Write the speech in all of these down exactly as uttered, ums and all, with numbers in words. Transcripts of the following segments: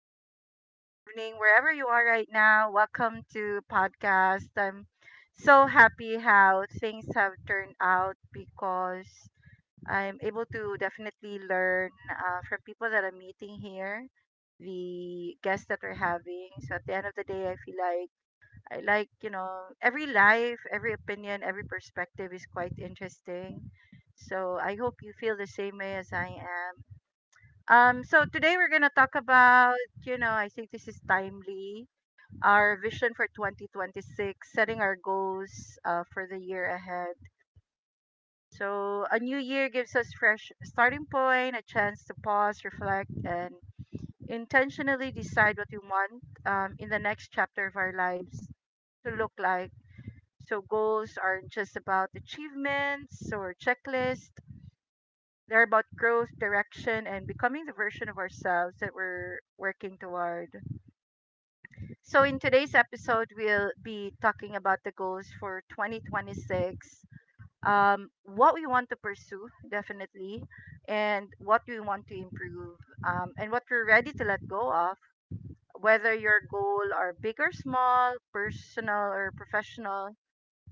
afternoon, good evening, wherever you are right now. Welcome to podcast. I'm so happy how things have turned out because I'm able to definitely learn uh, from people that I'm meeting here, the guests that we're having. So at the end of the day, I feel like I like you know every life, every opinion, every perspective is quite interesting. So I hope you feel the same way as I am. Um, so today we're gonna talk about, you know, I think this is timely. Our vision for twenty twenty-six, setting our goals uh, for the year ahead. So a new year gives us fresh starting point, a chance to pause, reflect, and intentionally decide what we want, um, in the next chapter of our lives to look like. So goals aren't just about achievements or checklists. They're about growth, direction, and becoming the version of ourselves that we're working toward. So, in today's episode, we'll be talking about the goals for twenty twenty-six, um, what we want to pursue, definitely, and what we want to improve, um, and what we're ready to let go of, whether your goal are big or small, personal or professional.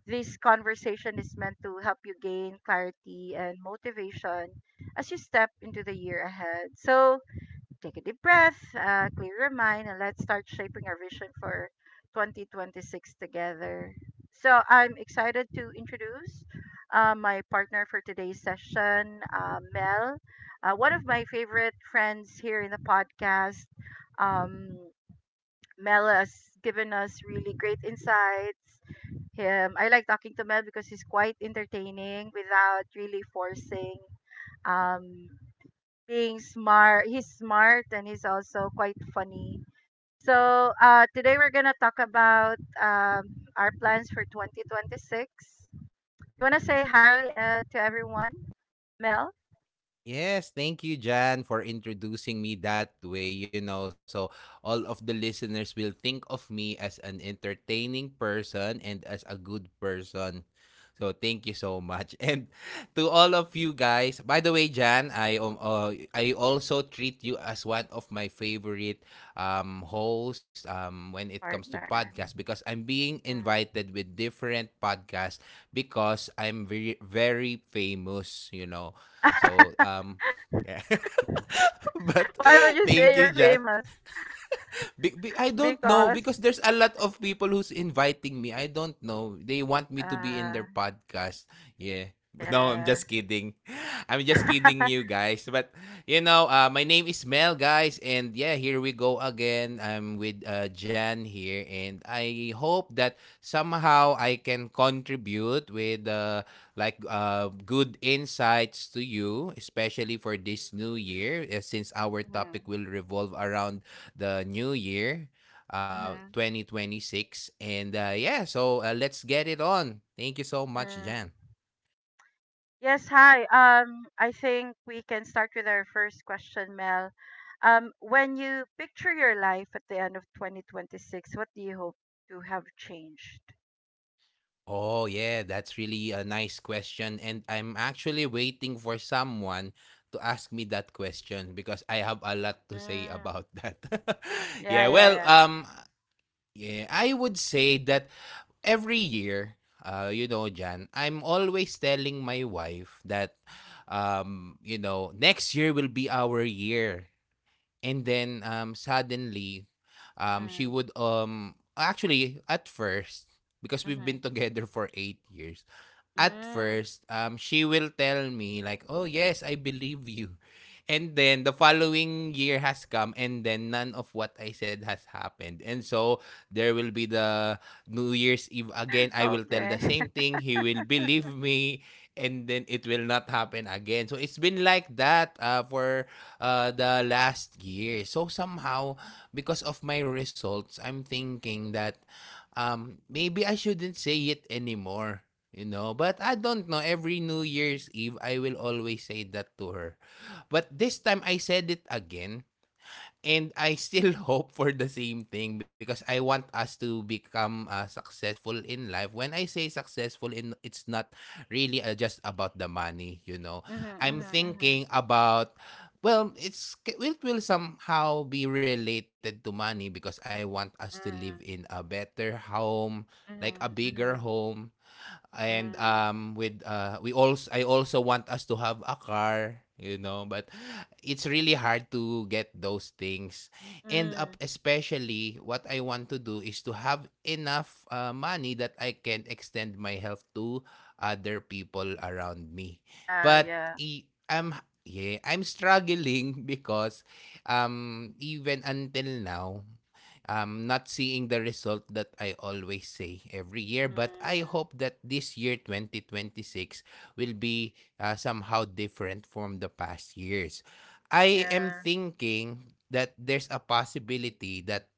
This conversation is meant to help you gain clarity and motivation as you step into the year ahead. So, take a deep breath, uh, clear your mind, and let's start shaping our vision for twenty twenty-six together. So, I'm excited to introduce uh, my partner for today's session, uh, Mel, uh, one of my favorite friends here in the podcast. Um, Mel has given us really great insights. Him, I like talking to Mel because he's quite entertaining without really forcing. Um, Being smart. He's smart and he's also quite funny. So uh, today we're gonna talk about, um, our plans for twenty twenty-six. You wanna say hi uh, to everyone, Mel, Yes, thank you, Jan, for introducing me that way. You know, so all of the listeners will think of me as an entertaining person and as a good person. So thank you so much. And to all of you guys, by the way, Jan, I um uh, I also treat you as one of my favorite um hosts um when it comes to partner. podcasts because I'm being Mm. invited with different podcasts because I'm very very famous, you know. So um yeah. But Why would you say you're thank you, Jess, famous? be- be- I don't know Because because there's a lot of people who's inviting me. I don't know. They want me to be uh, in their podcast. Yeah. But no, yeah. I'm just kidding. I'm just kidding you guys. But you know, uh, my name is Mel, guys, and yeah, here we go again. I'm with uh, Jan here, and I hope that somehow I can contribute with uh, like uh, good insights to you, especially for this new year, uh, since our Mhm, topic will revolve around the new year, uh, mhm, twenty twenty-six. And uh, yeah, so uh, let's get it on. Thank you so much, Jan. mm. Yes, hi. Um, I think we can start with our first question, Mel. Um, when you picture your life at the end of twenty twenty-six, what do you hope to have changed? Oh, yeah, that's really a nice question. And I'm actually waiting for someone to ask me that question because I have a lot to say Mm. about that. Yeah, Yeah, yeah, well, yeah. um, yeah, I would say that every year, uh, you know, Jan, I'm always telling my wife that, um, you know, next year will be our year. And then um suddenly, um she Mm. would, um actually, at first, because we've Mm-hmm. been together for eight years, at Mm. first, um she will tell me, like, oh yes, I believe you. And then the following year has come, and then none of what I said has happened. And so there will be the New Year's Eve again, I will tell the Okay. same thing, he will believe me, and then it will not happen again. So it's been like that, uh, for uh, the last year. So somehow, because of my results, I'm thinking that, um, maybe I shouldn't say it anymore. You know, but I don't know. Every New Year's Eve, I will always say that to her. But this time, I said it again. And I still hope for the same thing because I want us to become uh, successful in life. When I say successful in, it's not really uh, just about the money, you know. Mm-hmm, I'm mm-hmm, mm-hmm. thinking about, well, it's it will somehow be related to money because I want us to live in Mm, a better home, like a mm-hmm, bigger mm, home, and um with uh we also I also want us to have a car you know but it's really hard to get those things. And up, mm. especially what I want to do is to have enough uh, money that I can extend my health to other people around me. Yeah, but yeah. i- I'm yeah I'm struggling because um even until now I'm not seeing the result that I always say every year, but I Mm, hope that this year, twenty twenty-six, will be uh, somehow different from the past years. I am yeah. thinking that there's a possibility that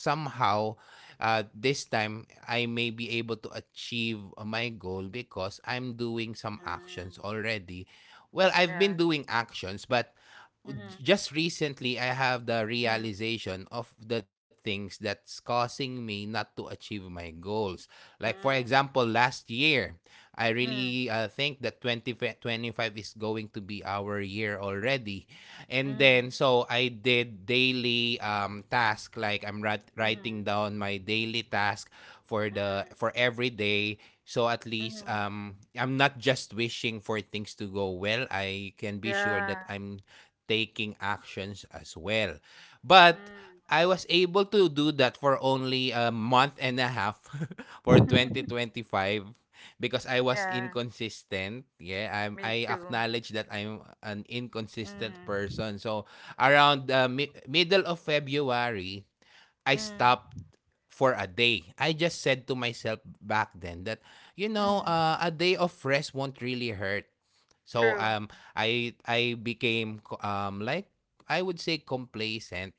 somehow, uh, this time I may be able to achieve my goal because I'm doing some Mm, actions already. Well, I've yeah. been doing actions, but Mm-hmm, just recently I have the mm, realization of the things that's causing me not to achieve my goals. Like, for example, mm, last year, I mm, really uh, think that twenty twenty-five is going to be our year already. And then mm, so I did daily um task, like I'm writ- mm, writing down my daily task for the mm, for every day so at least mhm. um I'm not just wishing for things to go well. I can be sure Yeah. that I'm taking actions as well. But Mm. I was able to do that for only a month and a half for twenty twenty-five because I was Yeah, inconsistent. Yeah, I'm me I too. acknowledge that I'm an inconsistent Mm. person. So around the mi- middle of February, I Mm. stopped for a day. I just said to myself back then that, you know, Mm. uh, a day of rest won't really hurt. So True. um, I I became co- um like, I would say, complacent,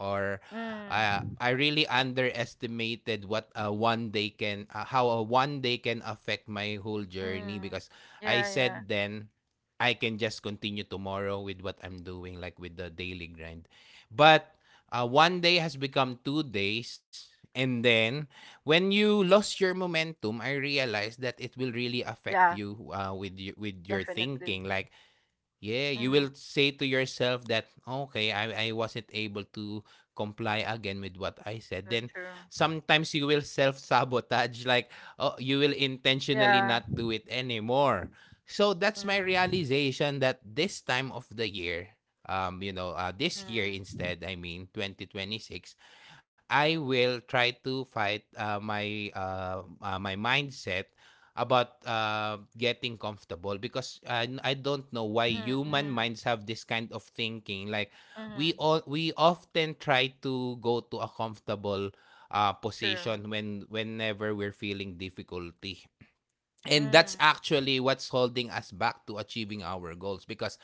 or uh, Mm. I really underestimated what a one day can uh, how a one day can affect my whole journey Mm. because I Yeah, yeah. said then I can just continue tomorrow with what I'm doing, like with the daily grind. But uh, one day has become two days. And then, when you lost your momentum, I realized that it will really affect Yeah, you, uh, with you, with your definitely. thinking. Like, yeah, you will Mm. say to yourself that okay, I I wasn't able to comply again with what I said. So Then true. sometimes you will self-sabotage, like oh, you will intentionally Yeah. not do it anymore. So that's my Mm. realization that this time of the year, um you know, uh, this year Mm. instead, I mean twenty twenty six, I will try to fight uh, my uh, uh, my mindset about uh, getting comfortable because I, I don't know why Mm. human Mm. minds have this kind of thinking, like we Mm. all we often try to go to a comfortable uh, True. position when whenever we're feeling difficulty. And that's Mm. actually what's holding us back to achieving our goals because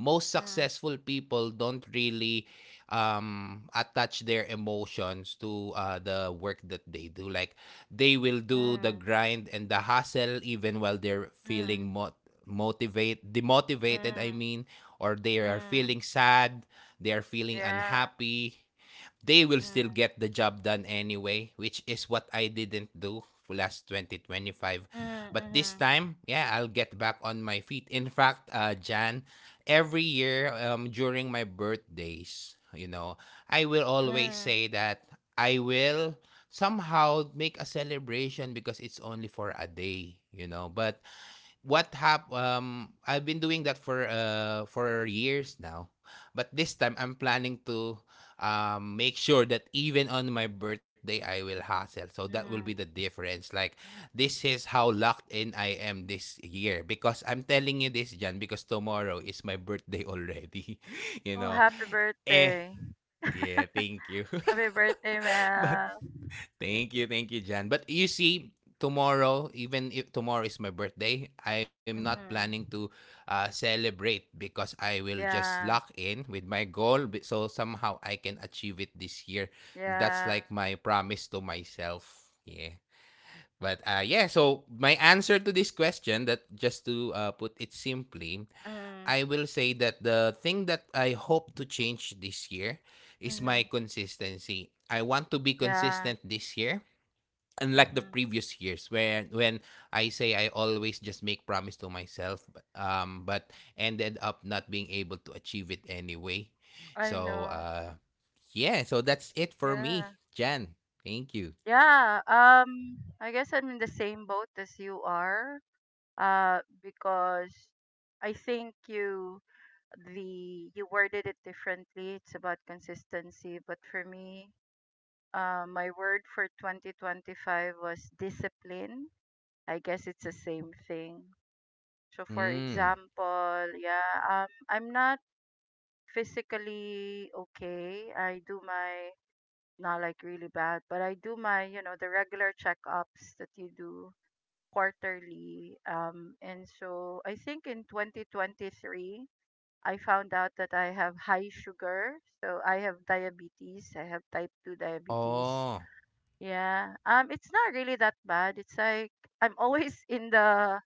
most Mm. successful people don't really, um, attach their emotions to uh, the work that they do. Like, they will do the Mm. grind and the hustle even while they're Mm. feeling mo- motivate demotivated. I Mm. mean, or they are feeling Mm. sad, they are feeling Yeah. unhappy, they will still get Mm. the job done anyway, which is what I didn't do for last twenty twenty-five. Mm. But this Mm. time, yeah, I'll get back on my feet. In fact, uh, Jan, every year, um, during my birthdays, you know, I will always Mm. say that I will somehow make a celebration because it's only for a day, you know. But what hap um I've been doing that for uh for years now. But this time I'm planning to um make sure that even on my birthday I will hustle. So that will be the Mm. difference. Like, this is how locked in I am this year because I'm telling you this, Jan, because tomorrow is my birthday already. you Oh, know. happy Eh birthday. yeah, thank you. Happy birthday, but Mel. thank you, thank you, Jan. But you see, tomorrow, even if tomorrow is my birthday, I'm not planning to Mm-hmm. uh, celebrate because I will just Yeah. lock in with my goal, b- so somehow I can achieve it this year. That's Yeah. like my promise to myself. Yeah. Mm. But uh, yeah, so my answer to this question, that just to uh, put it simply, Mm. I will say that the thing that I hope to change this year is Mm-hmm. my consistency. I want to be Yeah. consistent this year, unlike the Mm-hmm. previous years, when when I say I always just make promise to myself, but- um but ended up not being able to achieve it anyway. I So know. uh yeah, so that's it for Yeah. me, Jan. Thank you. Yeah. Um. I guess I'm in the same boat as you are. Uh. Because I think you the you worded it differently. It's about consistency. But for me, uh, my word for twenty twenty-five was discipline. I guess it's the same thing. So for Mm. example, yeah, um, I'm not physically okay. I do my not like really bad, but I do my, you know, the regular checkups that you do quarterly. Um, and so I think in twenty twenty-three, I found out that I have high sugar. So I have diabetes. I have type two diabetes. Oh, Yeah. Um, it's not really that bad. It's like I'm always in the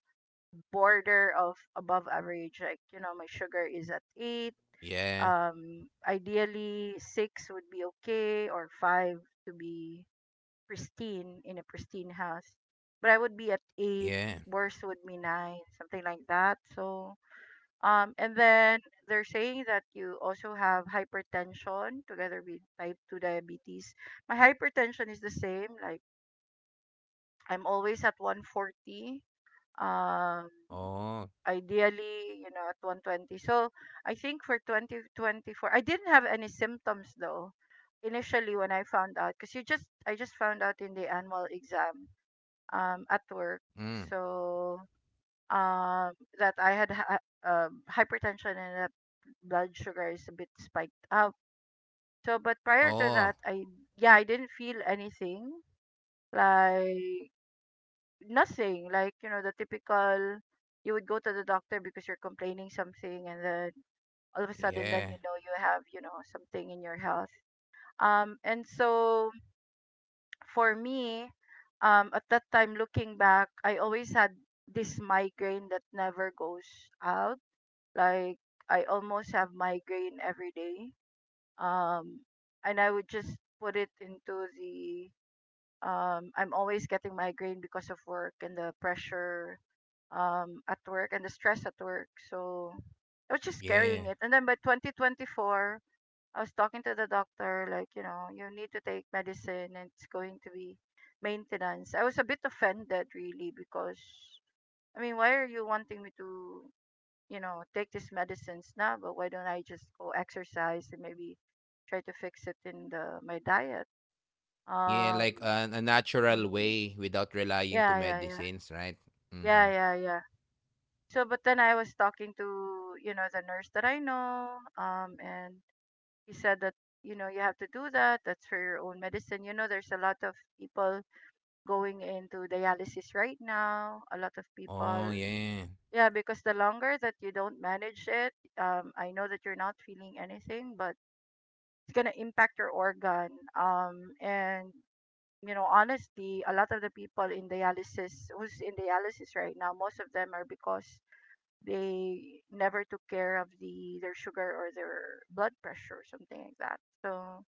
border of above average. Like, you know, my sugar is at eight. yeah. Um, ideally, six would be okay, or five to be pristine in a pristine house. But I would be at eight. Yeah. Worst would be nine, something like that. So, um, and then they're saying that you also have hypertension together with type two diabetes. My hypertension is the same. Like, I'm always at one forty. Um, Oh. ideally, you know, at one twenty. So I think for twenty twenty-four, I didn't have any symptoms though initially when I found out because you just I just found out in the annual exam um at work. Mm. So um that I had ha- um hypertension and that blood sugar is a bit spiked up. So, but prior to that, Oh. I yeah, I didn't feel anything, like, nothing, like, you know the typical. You would go to the doctor because you're complaining something, and then all of a sudden, then, you Yeah. know you have, you know something in your health. Um and so for me, um at that time, looking back, I always had this migraine that never goes out. Like, I almost have migraine every day. Um and I would just put it into the, um I'm always getting migraine because of work and the pressure, um at work, and the stress at work. So I was just carrying it. Yeah. And then by twenty twenty-four, I was talking to the doctor, like, you know, you need to take medicine and it's going to be maintenance. I was a bit offended, really, because, I mean, why are you wanting me to, you know, take these medicines now? But why don't I just go exercise and maybe try to fix it in the my diet? Yeah, Um, like a, a natural mm, way without relying yeah, to yeah, yeah. medicines, right? Yeah, Mhm. yeah, yeah. So, but then I was talking to, you know, the nurse that I know, um, and he said that, you know you have to do that. That's for your own medicine. You know there's a lot of people going into dialysis right now. A lot of people, Oh, yeah. yeah, because the longer that you don't manage it, um I know that you're not feeling anything, but it's going to impact your organ. Um and you know honestly, a lot of the people in dialysis, who's in dialysis right now, most of them are because they never took care of the their sugar or their blood pressure or something like that. So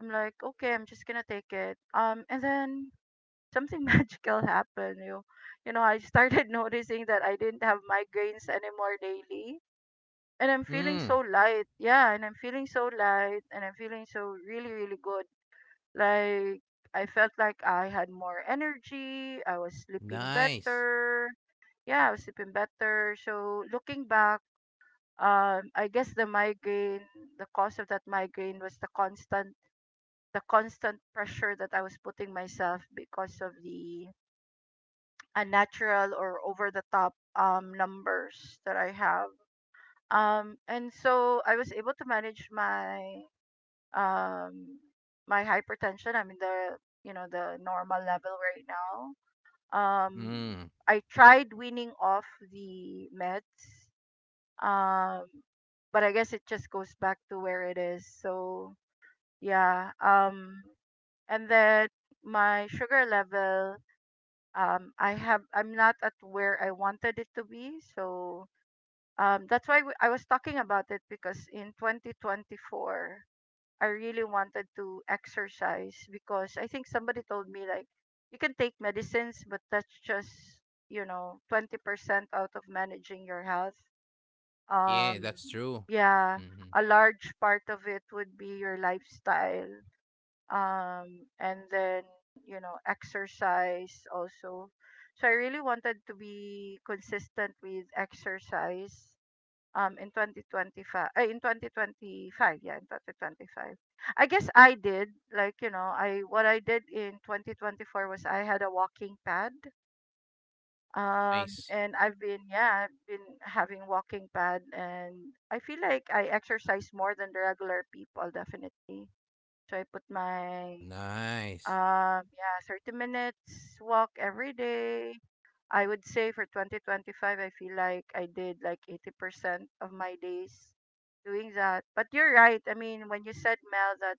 I'm like, okay, I'm just gonna take it. Um, and then something magical happened. You, you know, I started noticing that I didn't have migraines anymore daily, and I'm feeling so Mm. light. Yeah, and I'm feeling so light, and I'm feeling so really, really good. Like, I felt like I had more energy. I was sleeping Nice. better. Yeah, I was sleeping better. So looking back, um, I guess the migraine, the cause of that migraine was the constant the constant pressure that I was putting myself because of the unnatural or over the top, um, numbers that I have. Um, and so I was able to manage my um, my hypertension. I'm in the you know the normal level right now. Um, Mm. I tried weaning off the meds, um, but I guess it just goes back to where it is. So yeah. Um, and then my sugar level, um i have i'm not at where I wanted it to be. So um that's why we, i was talking about it, because in twenty twenty-four I really wanted to exercise, because I think somebody told me like you can take medicines but that's just, you know twenty percent out of managing your health. um Yeah, that's true. yeah, Mhm. a large part of it would be your lifestyle, um and then, you know exercise also. So I really wanted to be consistent with exercise, um in twenty twenty-five uh, in twenty twenty-five, yeah, in twenty twenty-five I guess I did. Like, you know, I what I did in twenty twenty-four was I had a walking pad, um Nice. and I've been yeah I've been having walking pad. And I feel like I exercise more than the regular people, definitely. So I put my, Nice. um, yeah, 30 minutes walk every day. I would say for twenty twenty-five, I feel like I did like eighty percent of my days doing that. But you're right. I mean, when you said, Mel, that,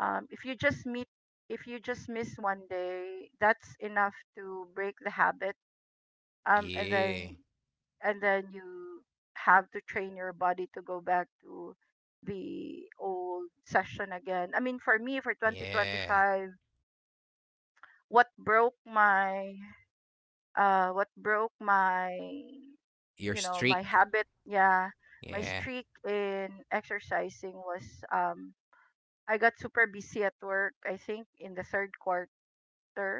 um, if you just meet, if you just miss one day, that's enough to break the habit. Um, and then, Yeah. and then you have to train your body to go back to the old session again. I mean, for me, for Yeah. twenty twenty-five, what broke my uh what broke my, Your you know my streak. habit, yeah, my Yeah. streak in exercising was, um I got super busy at work, I think, in the third quarter,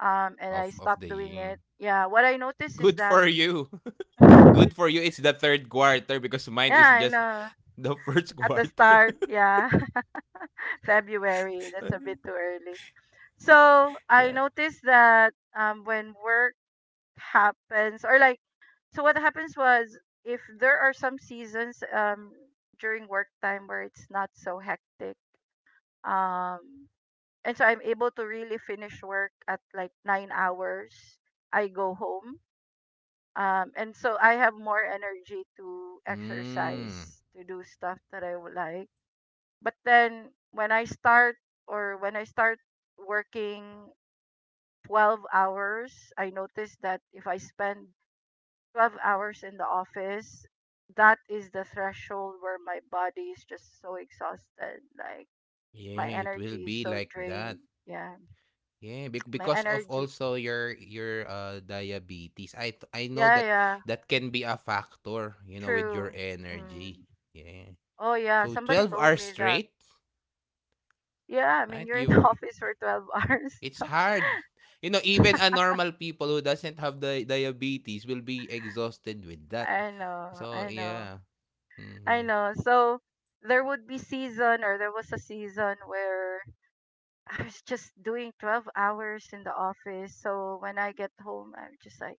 um and I Of of stopped the doing year. it. Yeah, what I noticed is Good that for you. yeah, Good for you. It's the third quarter because mine is I just know. the first At the quarter. start, yeah. February, that's a bit too early. So I noticed that, um when work happens, or like, so what happens was, if there are some seasons, um during work time where it's not so hectic, um and so I'm able to really finish work at like nine hours, I go home. Um and so I have more energy to Mm. exercise, to do stuff that I would like. But then, when i start or when i start working twelve hours, I notice that if I spend twelve hours in the office, that is the threshold where my body is just so exhausted. Like, my Yeah, it will energy is be so like drained. that. Yeah, Yeah, bec my because of energy. also your your uh diabetes. I th I know Yeah, that yeah, that can be a factor, you know, with true. your energy. Mm. Yeah. Oh, yeah, So somebody twelve told hours me that. straight, Yeah, I mean, right? you're in You the were office for twelve it's hours. hard. You know, even a normal people who doesn't have the diabetes will be exhausted with that. I know, So, I know, yeah. I Hmm. know. So there would be season or there was a season where I was just doing 12 hours in the office. So when I get home, I'm just like,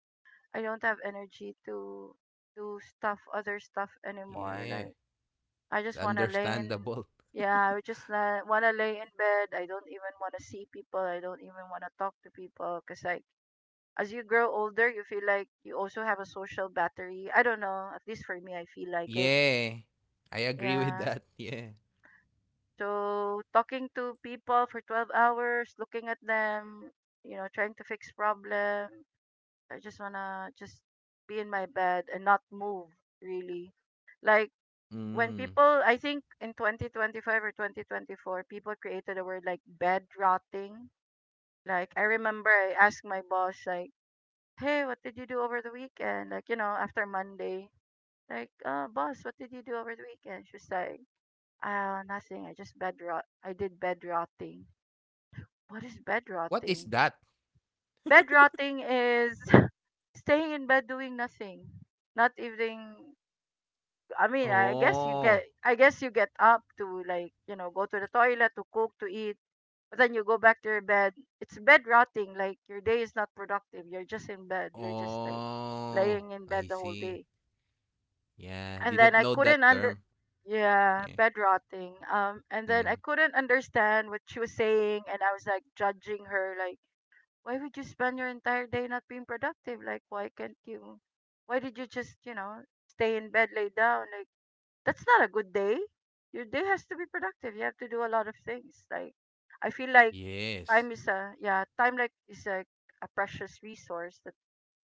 I don't have energy to do stuff other stuff anymore. Yeah. Like I It's just wanna lay in understandable. yeah, I just la- wanna lay in bed. I don't even wanna see people. I don't even wanna talk to people. Cause like as you grow older, you feel like you also have a social battery. I don't know. At least for me, I feel like it. Yeah. I agree with Yeah. that. Yeah. So talking to people for twelve hours, looking at them, you know, trying to fix problem. I just wanna just be in my bed and not move really. Like when Mm. people I think in twenty twenty-five or twenty twenty-four people created a word like bed rotting. Like I remember I asked my boss like, "Hey, what did you do over the weekend?" Like, you know, after Monday. Like, "Uh, boss, what did you do over the weekend?" She was like, "Uh, nothing. I just bed rot. I did bed rotting." What is bed What is rotting? that? Bed rotting is staying in bed doing nothing not even." I mean, I guess you Oh. get, I guess you get up to like, you know, go to the toilet, to cook, to eat, but then you go back to your bed. It's bed rotting. Like your day is not productive. You're just in bed. You're just like Oh, laying in bed I the whole see. day. Yeah, And didn't then I know couldn't that under, term. Yeah, Yeah. bed rotting. Um, and then I Mm. couldn't understand what she was saying, and I was like judging her, like, why would you spend your entire day not being productive? Like, why can't you? Why did you just, you know, stay in bed, lay down, like that's not a good day. Your day has to be productive. You have to do a lot of things. Like I feel like Yes. time is a yeah, time like is like a precious resource that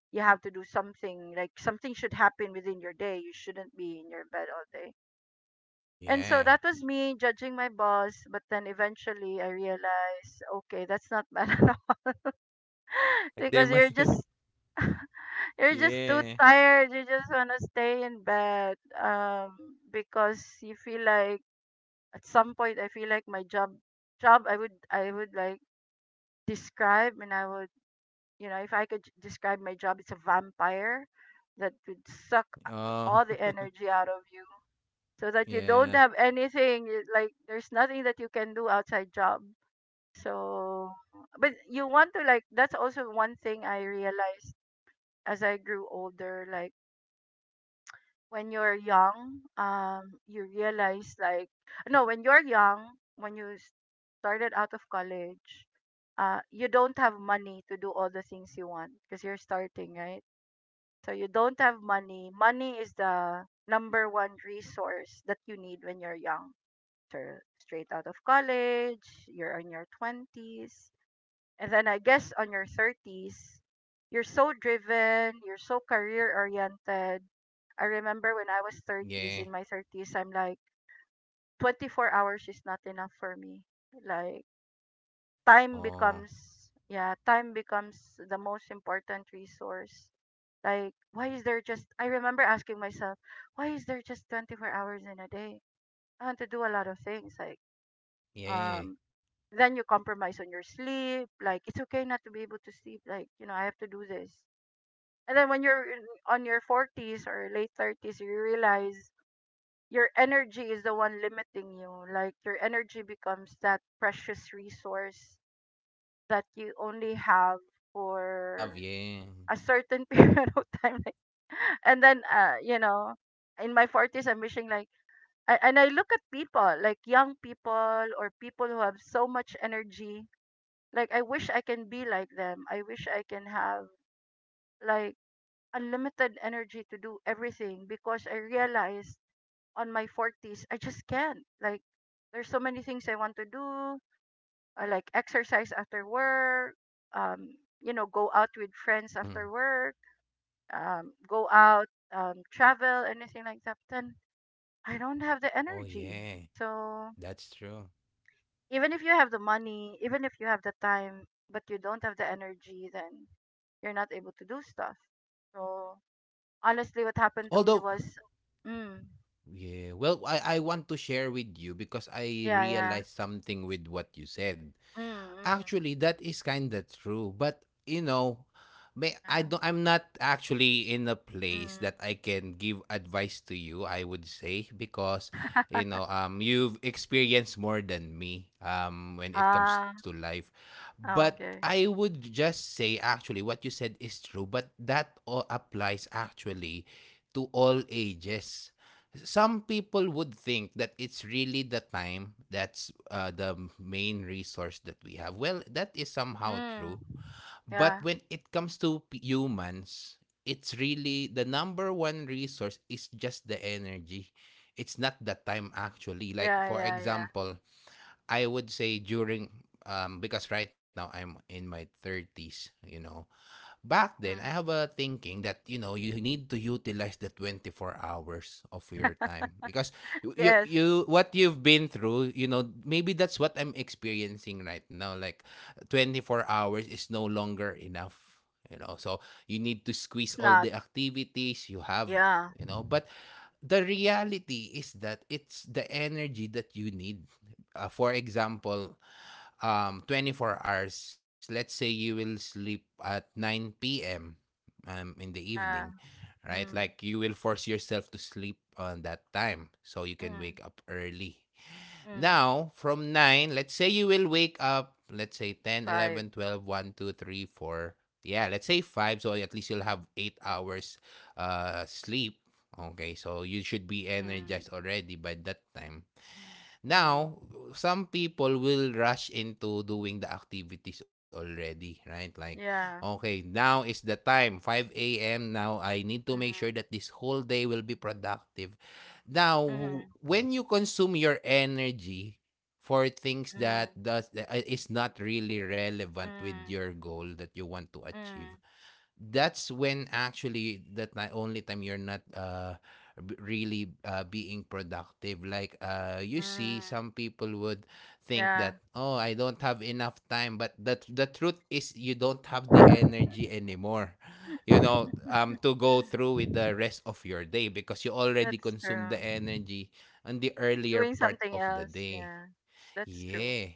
you have to do something. Like something should happen within your day. You shouldn't be in your bed all day. And so Yeah. that was me judging my boss, but then eventually I realized, okay, that's not bad at all. There Because you're must be. just you're just too Yeah. tired. You just wanna stay in bed. Um, because you feel like at some point I feel like my job job I would I would like describe and I would you know if I could j- describe my job. It's a vampire that would suck a- Oh, all the energy out of you, so that you don't yeah. have anything y- like there's nothing that you can do outside job. So but you want to, like, that's also one thing I realized as I grew older. Like when you're young, um, you realize like no, when you're young, when you s- started out of college, uh, you don't have money to do all the things you want because you're starting, right? So you don't have money. Money is the number one resource that you need when you're young. Sure, straight out of college, you're in your twenties. And then I guess on your thirties, you're so driven, you're so career oriented. I remember when I was thirties, in Yeah. my thirties, I'm like, twenty-four hours is not enough for me. Like, time Oh, becomes, yeah, time becomes the most important resource. Like, why is there just, I remember asking myself, why is there just twenty-four hours in a day? I want to do a lot of things. Like, um, yeah. then you compromise on your sleep, like it's okay not to be able to sleep, like you know I have to do this. And then when you're in, on your forties or late thirties you realize your energy is the one limiting you, like your energy becomes that precious resource that you only have You need to have, for yeah. a certain period of time, like, and then uh, you know, in my forties I'm wishing like I, and I look at people, like young people or people who have so much energy, like I wish I can be like them. I wish I can have like unlimited energy to do everything because I realized on my forties I just can't. Like there's so many things I want to do, uh, like exercise after work, um you know, go out with friends after Mm. work, um go out, um travel, anything like that. Then I don't have the Oh, energy. yeah. So That's true. even if you have the money, even if you have the time, but you don't have the energy, then you're not able to do stuff. So That's honestly, correct. what happened to me Although, was, mm, yeah, well, I, I want to share with you because I yeah, yeah, realized something with what you said. mm, mm, Actually, that is kind of true, but, you know, may I yeah, don't I'm not actually in a place mm. that I can give advice to you, I would say, because, you know, um, you've experienced more than me, um, when it comes to Ah, life. ah, But okay, I would just say, actually, what you said is true, but that all applies actually to all ages. Some people would think that it's really the time that's uh, the main resource that we have. Well, that is somehow mm, true. But yeah, when it comes to p- humans, it's really the number one resource is just the energy. It's not the time actually. Like, yeah, for yeah, yeah, example, I would say during, um, because right now I'm in my thirties, you know, back then I mm, have a thinking that you know you need to utilize the twenty-four hours of your time. Because you you yes, you- what you've been through, you know maybe that's what I'm experiencing right now. Like, twenty-four hours is no longer enough, you know so you need to squeeze it's all not, the activities you have, yeah, you know but the reality is that it's the energy that you need. Uh, for example, um twenty-four hours. Let's say you will sleep at nine p.m., um in the evening. yeah, Right? Like, mm, you will force yourself to sleep on that time, so you can wake mm, up early. mm, Now, from nine, let's say you will wake up, let's say ten, five, eleven, twelve, one, two, three, four. Yeah, let's say five, so at least you'll have eight hours uh sleep. Okay, so you should be mm, energized already by that time. mm, Now, some people will rush into doing the activities already, right? Like, yeah, okay, now is the time, five a m. Now, I need to make sure mm, that this whole day will be productive. Now, mm, when you consume your energy for things that mm, does that uh, is not really relevant with mm. your goal that you want to achieve, Mm, that's when actually that the only time you're not uh b- really uh, being productive. Like, uh you see, mm, some people would think yeah. that, oh, I don't have enough time, but the, the truth is you don't have the energy anymore, you know um to go through with the rest of your day, because you already That's consumed the true. energy on the earlier Doing part something of the else, day. yeah. That's true. Yeah.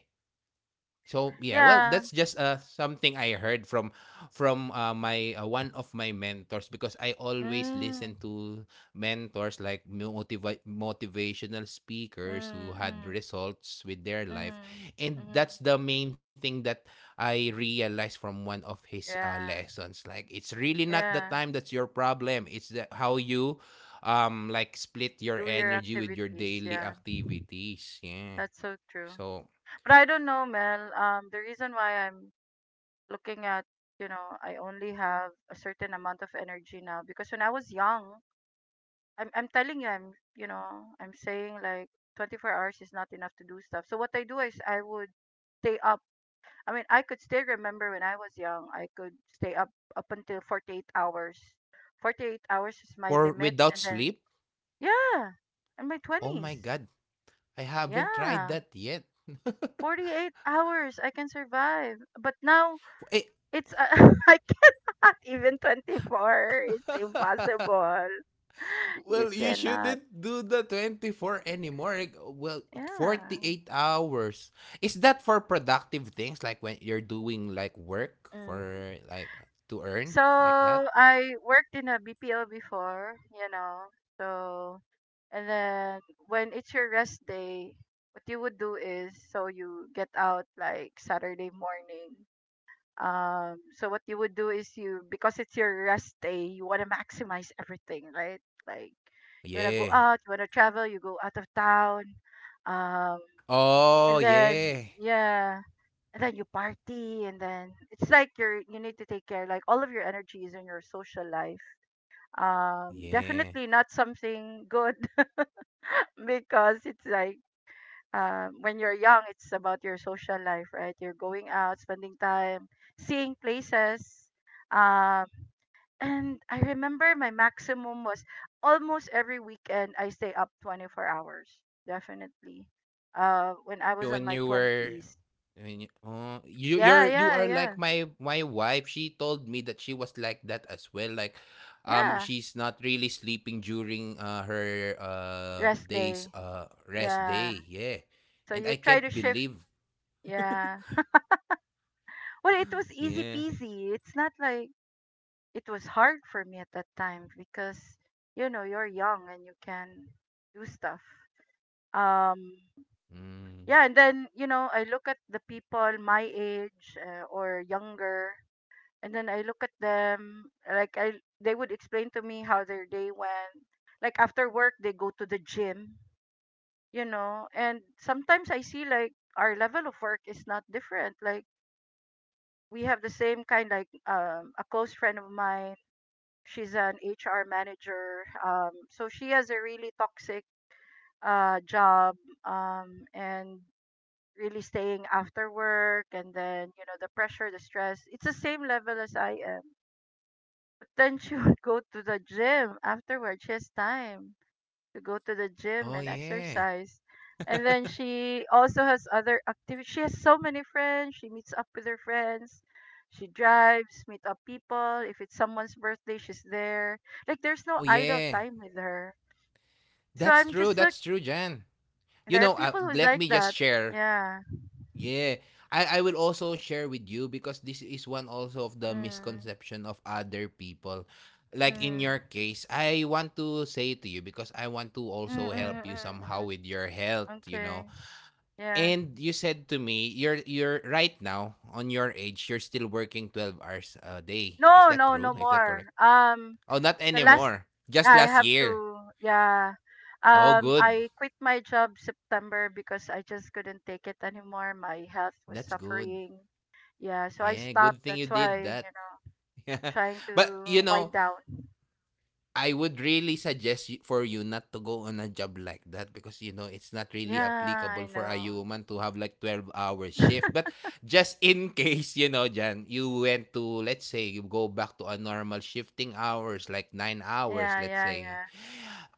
So yeah, well, Yeah. that's just uh, something I heard from from uh, my uh, one of my mentors, because I always Mm, listen to mentors like motiva- motivational speakers who mm, had mm, results with their life, mm, and mm. that's the main thing that I realized from one of his uh, Yeah, lessons. Like, it's really not the yeah. time that's your problem; it's the, how you um like split your Do your energy with your activities, daily yeah. activities. Yeah. That's so true. So But I don't know, Mel. Um, the reason why I'm looking at, you know, I only have a certain amount of energy now because when I was young, I'm I'm telling you, I'm, you know, I'm saying like twenty-four hours is not enough to do stuff. So what I do is I would stay up. I mean, I could still remember when I was young, I could stay up up until forty-eight hours. forty-eight hours is my or limit, without and then sleep. yeah, in my Oh my twenties, God, I haven't tried yeah, that yet. forty-eight hours I can survive. But now Eh, it's uh, I cannot even twenty-four. It's impossible. You well, you cannot. shouldn't do the twenty-four anymore. Like, well, Yeah. eight hours. Is that for productive things, like when you're doing like work Mm. for, like, to earn, So like that? I worked in a B P O before, you know. So and then when it's your rest day, what you would do is, so you get out like Saturday morning. Um so what you would do is, you, because it's your rest day, you want to maximize everything, right? Like you want to go Yeah. out, you want to travel, you go out of town. Um and Oh, then yeah. yeah, and then you party, and then it's like you're you need to take care, like all of your energy is in your social life, um Yeah. definitely not something good. Because it's like, um when you're young it's about your social life, right? You're going out, spending time, seeing places, um and I remember my maximum was almost every weekend I stay up twenty-four hours, definitely, uh when I you was on when my you were twenties. when you, oh, you Yeah, you're you yeah, are yeah, like my my wife. She told me that she was like that as well, like, um yeah, she's not really sleeping during uh, her uh rest day. days uh rest Yeah. day. Yeah. So And you I try to can't shift. believe... Yeah. Well, it was yeah. easy peasy. It's not like it was hard for me at that time because, you know, you're young and you can do stuff. Um Mm. yeah, and then, you know, I look at the people my age uh, or younger, and then I look at them, like I they would explain to me how their day went. Like after work they go to the gym, you know, and sometimes I see like our level of work is not different. Like we have the same kind, like, um, a close friend of mine, she's an H R manager, um, so she has a really toxic uh, job, um, and really staying after work, and then, you know, the pressure, the stress, it's the same level as I am, but then she would go to the gym afterward. She has time to go to the Oh gym and yeah. exercise. And then she also has other activities. She has so many friends. She meets up with her friends. She drives, meet up people. If it's someone's birthday, she's there. Like there's no Oh idle yeah, time with her. So that's I'm true, just like, that's true, Jan. you there are know uh, people who's Let like me just that. share. Yeah. Yeah, I, I will also share with you, because this is one also of the Mm, misconception of other people. Like, in your mm, case, I want to say to you, because I want to mm, also help mm, you mm, somehow mm. with your health, you Okay. know. Yeah. And you said to me, you're you're right now on your age, you're still working twelve hours a day. Is No, that no, no true? Is that more. correct? Um, Oh, not the last anymore. yeah, Just I last have year. to yeah Oh, um good. I quit my job September because I just couldn't take it anymore. My health was That's good. suffering. Yeah, so I Yeah, stopped. good thing you That's did why, that. you know, trying But, to you wind know, down. I would really suggest you- for you not to go on a job like that, because you know it's not really Yeah, I applicable for a know. human to have like twelve hour shift. But just in case, you know, Jan, you went to, let's say you go back to a normal shifting hours like nine hours, Yeah, let's yeah, say, yeah.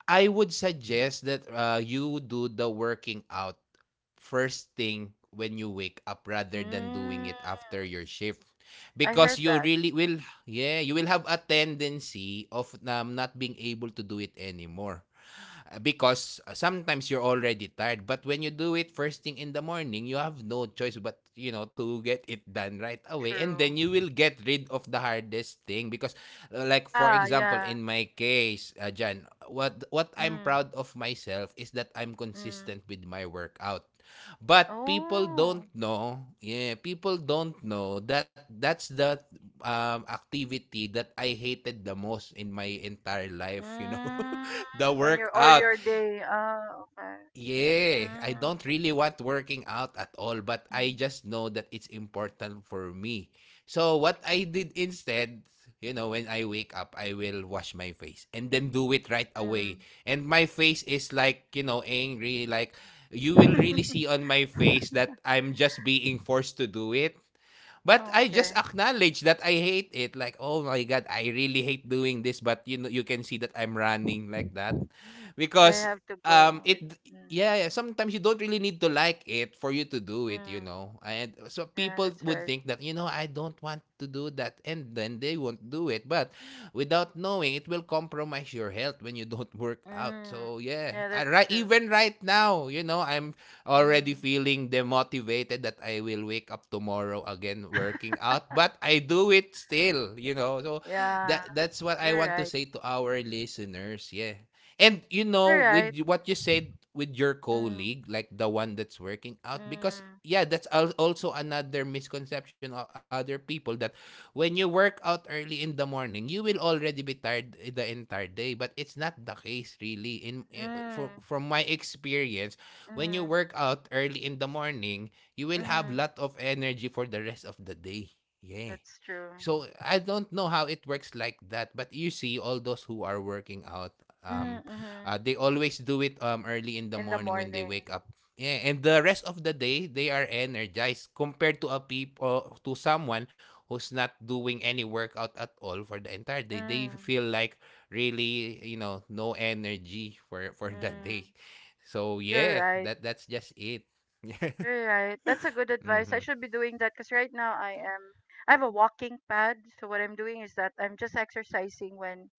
I would suggest that uh, you do the working out first thing when you wake up, rather than doing Mm, it after your shift, I because heard you that. really will... yeah, you will have a tendency of um, not being able to do it anymore, uh, because uh, sometimes you're already tired. But when you do it first thing in the morning, you have no choice but you know to get it done right away, and True. then you will get rid of the hardest thing. Because, uh, like for Yeah, example, yeah. in my case, uh, Jan, what what I'm Mm, proud of myself is that I'm mm. consistent with my workout. But people Oh. don't know, yeah, people don't know that that's the um, activity that I hated the most in my entire life, you know. Mm, The on your or your workout. day. Ah, okay. Yeah, I Mm. don't really want working out at all, but I Mm, just know that it's important for me. So what I did instead, you know, when I wake up, I will wash my face and then do it right away. mm. And my face is like, you know, angry. Like, you will really see on my face that I'm just being forced to do it. But I just Okay, acknowledge that I hate it. Like, oh my God, I really hate doing this. But you know, you can see that I'm running like that but I because have to go um it... with. Mm, yeah, yeah, sometimes you don't really need to like it for you to do it, you mm. know. And so Yeah, people that's would right. think that, you know, I don't want to do that, and then they won't do it. But without knowing, it will compromise your health when you don't work out. Mm. So yeah, Yeah, I, that's right, true. even right now, you know, I'm already Mm. feeling demotivated that I will wake up tomorrow again working out, but I do it still, you know. So Yeah, that that's what I you're want to right. say to our listeners. Yeah. And you know, You're with right. y- what you said with your Mm, colleague, like the one that's working out, because mm, yeah, that's al- also another misconception of other people: that when you work out early in the morning, you will already be tired i- the entire day. But it's not the case, really. In i- from mm, from my experience, when you mm, work out early in the morning, you will have mm. lot of energy for the rest of the day. Yeah. That's true. So I don't know how it works like that, but you see, all those who are working out Mm, um mm. uh, they always do it um early in the In the morning when they morning. wake up. Yeah. And the rest of the day they are energized, compared to a people to someone who's not doing any workout at all for the entire day. They Mm, feel like, really, you know, no energy for for the mm. day. So You're yeah, right. that that's just it. You're right. That's a good advice. I Hmm. should be doing that because right now I am. I have a walking pad. So what I'm doing is that I'm just exercising when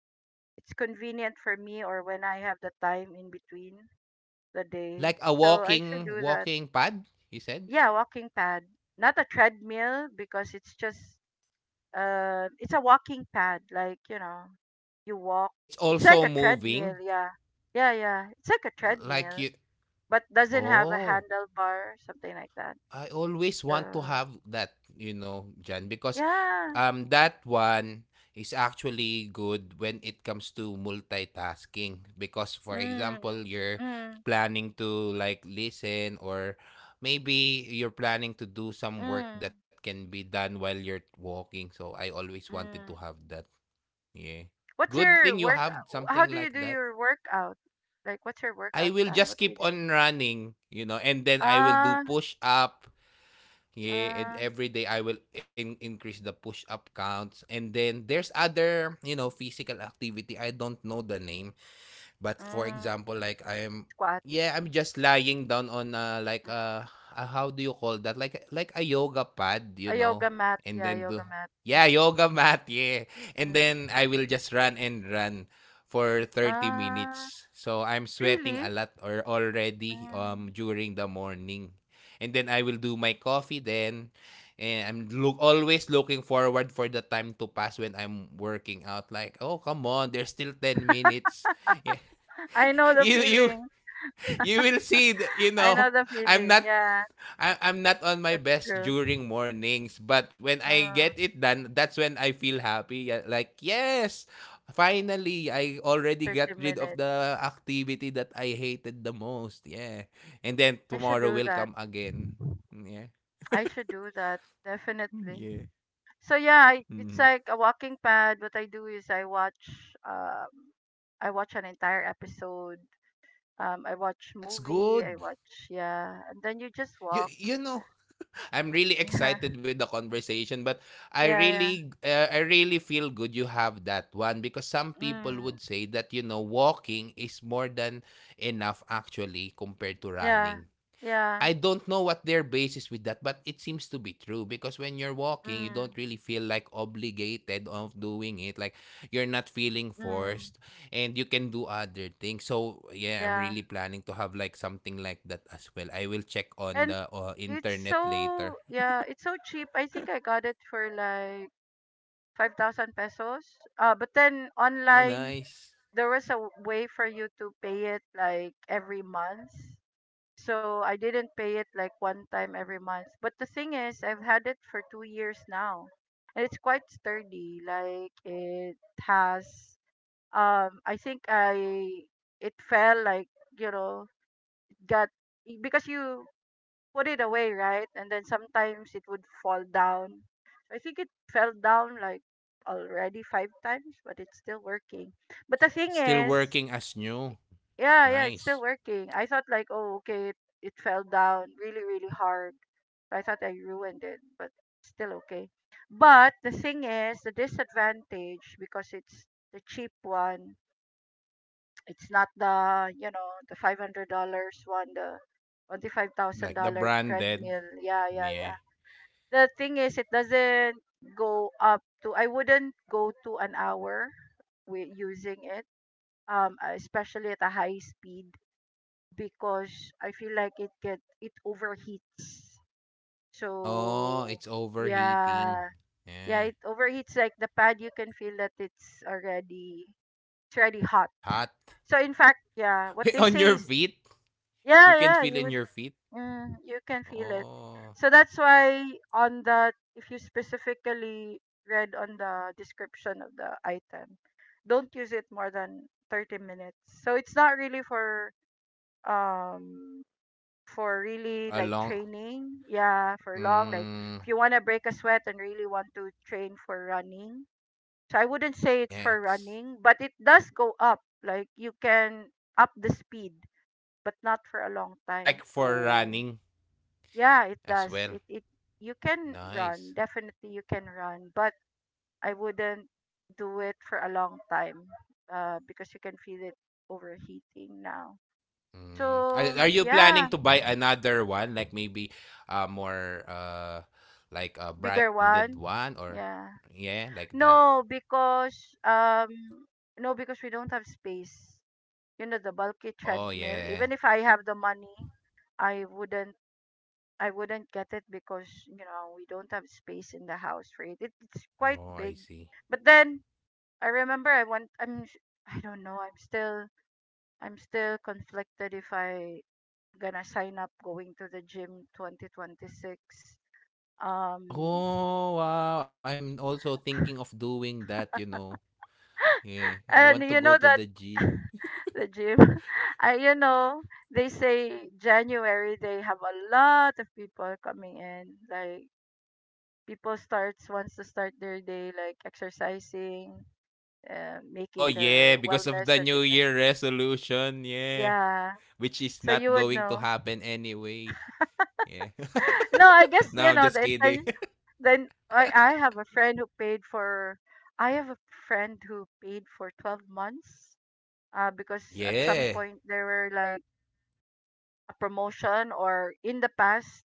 it's convenient for me or when I have the time in between the day. Like a So I should walking do that. walking pad, you said? Yeah, walking pad. Not a treadmill because it's just uh it's a walking pad, like, you know, you walk. It's It's like also a moving, treadmill, yeah. Yeah, yeah. It's like a like treadmill you... but doesn't have a Oh, handlebar, something like that. I always want to So, have that, you know, Jan, because yeah. um that one is actually good when it comes to multitasking. Because for Mm, example, you're mm, planning to like listen, or maybe you're planning to do some work mm, that can be done while you're walking. So I always wanted to mm. have that. Yeah. What's Good your thing you work? have How something do you like do that. your workout? Like, what's your I workout will plan? just What do keep you do? on running, you know, and then I will do Ah, push up. Yeah, and uh, every day I will in- increase the push up counts. And then there's other, you know, physical activity. I don't know the name. But for mm, example, like I'm... squat. yeah, I'm just lying down on uh like Mm, uh, uh how do you call that? Like like a yoga pad, a you know. yoga mat. And Yeah, then yoga do... mat. yeah, Mm, yoga mat, yeah. And mm. then I will just run and run for thirty Ah, minutes. So I'm sweating a really? lot or already Mm. um during the morning. And then I will do my coffee, then, and I'm look always looking forward for the time to pass when I'm working out. Like, oh come on, there's still ten minutes. I know the you you feeling. you will see th- you I know know, the i'm feeling. not Yeah, I, I'm not on my that's true. best during mornings, but when I Uh, get it done, that's when I feel happy. Yeah, like, yes, finally I already thirty got rid of minutes. the activity that I hated the most. Yeah. And then I should tomorrow do will that. come again. Yeah. I should do that. Definitely. Yeah. So yeah, I, it's Mhm. like a walking pad. What I do is I watch um I watch an entire episode. Um I watch That's movie, I good. watch yeah, and then you just you walk. you know, I'm really excited with the conversation, but I Yeah. Yeah, yeah. really, uh, I really feel good you have that one, because some people Mm. would say that, you know, walking is more than enough actually, compared to Yeah. running. Yeah. I don't know what their basis with that, but it seems to be true, because when you're walking, you Mm, don't really feel like obligated of doing it. Like, you're not feeling mm. forced, and you can do other things. So yeah, I'm really Yeah. planning to have like something like that as well. I will check on And the uh, it's internet so later. yeah, it's so cheap. I think I got it for like five thousand pesos. Uh, but then Oh, online nice. there was a w- way for you to pay it like every month. So I didn't pay it like one time every month. But the thing is, I've had it for two years now. And it's quite sturdy. Like it has um I think I it fell like, you know, it got because you put it away, right? And then sometimes it would fall down. I think it fell down like already five times, but it's still working. But the thing Still is, working as new. yeah, yeah, it's Nice. still working. I thought like, oh, okay, it, it fell down really, really hard. I thought I ruined it, but it's still okay. But the thing is, the disadvantage because it's the cheap one. It's not the you know the five hundred dollars one, the twenty five thousand Like the dollar branded. treadmill. Yeah, yeah, Yeah. yeah. The thing is, it doesn't go up to. I wouldn't go to an hour with using it, um, especially at a high speed because I feel like it get it overheats. Oh, So it's overheating. yeah, yeah, Yeah. it overheats like the pad. You can feel that it's already it's already hot. It's hot. So in fact, yeah, what they On say your is feet. You yeah, can yeah, feel you in would your feet. mm, you can feel it. Oh. So that's why on the if you specifically read on the description of the item, don't use it more than thirty minutes. So it's not really for um for For really a like long... training. Yeah, for long. Like mm, if you want to break a sweat and really want to train for running. So I wouldn't say it's yeah, for it's running, but it does go up. Like you can up the speed, but not for a long time. like for So running yeah, it as does. well. It it you can Nice. run. Definitely you can run, but I wouldn't do it for a long time. Uh, because you can feel it overheating now. Mm. So Are, are you planning yeah, to buy another one? Like maybe uh more uh like a bigger branded one. one, or Yeah. yeah, like that? No, because um no, because we don't have space. You know the bulky Oh, treadmill. yeah. Even if I have the money, I wouldn't I wouldn't get it because you know we don't have space in the house for it. it it's quite Oh, I big. see. But then I remember I want I'm s- I don't know I'm still I'm still conflicted if I gonna sign up going to the gym twenty twenty-six. Um Oh, wow. I'm also thinking of doing that, you know. Yeah, I want and to you go know to the that gym. the gym. I, you know, they say January they have a lot of people coming in. Like people starts wants to start their day like exercising, uh, Oh, making yeah, their because of wellness the and New fitness. Year resolution. Yeah, Yeah, which is so not you would going to know. happen anyway. Yeah. No, I guess you No, I'm know just the kidding. intention. Then I I have a friend who paid for. I have a friend who paid for twelve months. Uh, because at some Yeah. point there were like a promotion or in the past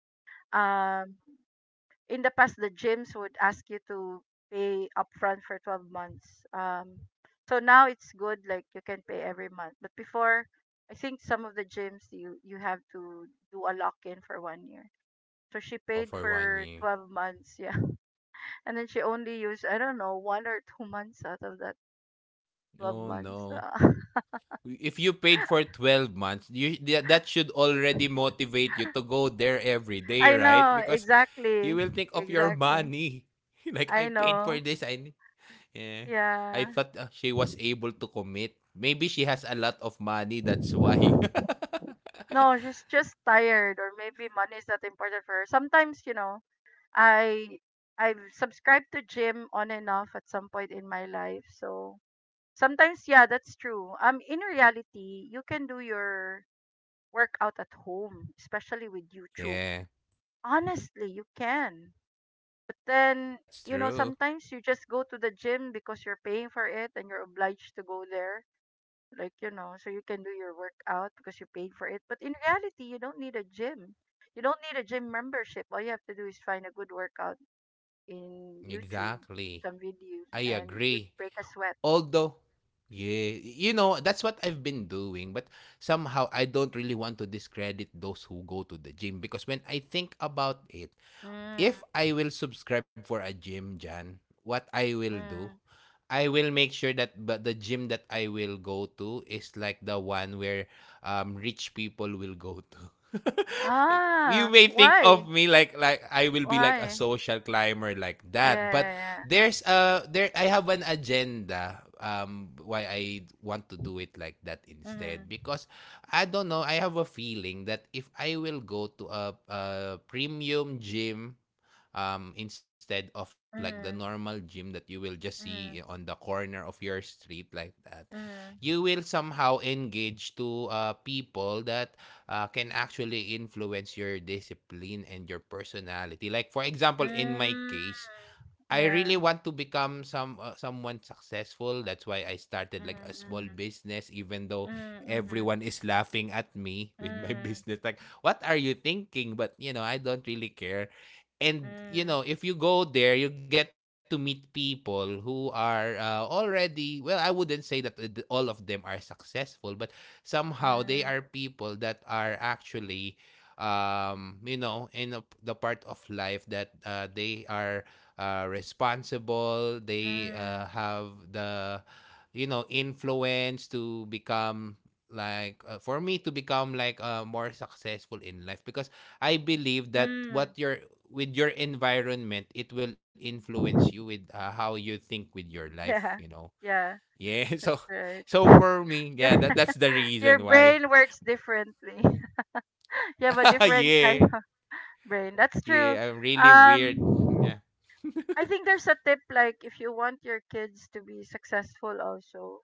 um in the past the gyms would ask you to pay upfront for twelve months, um, so now it's good like you can pay every month, but before I think some of the gyms you you have to do a lock in for one year, so she Oh, paid for one for year. twelve months, yeah. And then she only used I don't know one or two months out of that twelve Oh, months, no. uh, If you paid for twelve months, you tha- that should already motivate you to go there every day, I right? know, Because exactly. you will take off your Exactly, money. Like, I I paid for know, this. I, need-" yeah. yeah. I thought uh, she was able to commit. Maybe she has a lot of money. That's why. No, she's just tired or maybe money is not important for her sometimes, you know. I I've subscribed to gym on and off at some point in my life. So sometimes yeah, that's true. Um in reality, you can do your workout at home, especially with YouTube. Yeah, Honestly, you can. But then, that's you know, true. sometimes you just go to the gym because you're paying for it and you're obliged to go there. Like, you know, so you can do your workout because you paid for it. But in reality, you don't need a gym. You don't need a gym membership. All you have to do is find a good workout in YouTube Exactly. some videos I and agree. you'd break a sweat. Although, yeah, you know, that's what I've been doing. But somehow, I don't really want to discredit those who go to the gym, because when I think about it, Mm, if I will subscribe for a gym, Jan, what I will do, mm. I will make sure that but the gym that I will go to is like the one where um rich people will go to. You Ah, may think why? of me like like I will be like a Why? social climber like Yeah, that, but yeah, yeah. there's uh there I have an agenda, um why I want to do it like that instead, Mm-hmm, because I don't know, I have a feeling that if I will go to a, a premium gym, um, instead of like the normal mm-hmm, gym that you will just see on the mm-hmm, corner of your street like that, you will mm-hmm. somehow engage to uh, people that uh, can actually influence your discipline and your personality. Like for example in my Mm, case, I yeah. really want to become some uh, someone successful. That's why I started like a small Mm-hmm, business, even though mm-hmm, mm-hmm, everyone is laughing at me with my mm, business. Like, what are you thinking? But you know, I don't really care. And you know, if you go there, you get to meet people who are uh, already well. I wouldn't say that uh, th- all of them are successful, but somehow mm, they are mm, people that are actually, um you know in a, the part of life that uh, they are uh, responsible. They uh, mm, have the, you know, influence to become like uh, for me to become like uh, more successful in life, because I believe that what mm. your with your environment it will influence you with uh, how you think with your life. You Yeah, know. yeah, Yeah. So that's right. so for me, yeah, Your, that that's the your reason why. brain works differently. You have a different kind Yeah. brain. That's true. Yeah, I'm really weird. Um, Yeah. I think there's a tip like if you want your kids to be successful, also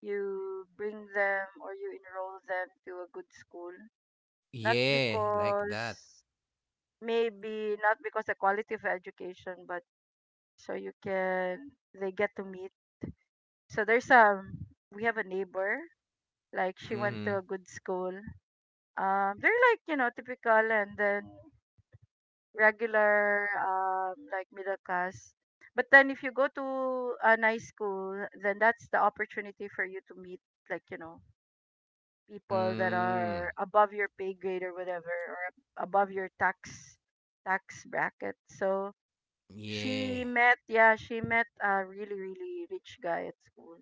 you bring them or you enroll them to a good school. Not Yeah, like that. because maybe not because the quality of education, but so you can they get to meet. So there's um we have a neighbor like she went Mm-hmm. to a good school. Um, they're like you know typical, and then regular, um, like middle class, but then if you go to a nice school, then that's the opportunity for you to meet like you know people that Mm. are above your pay grade or whatever or ab- above your tax tax bracket. So Yeah. she met, yeah, she met a really, really rich guy at school,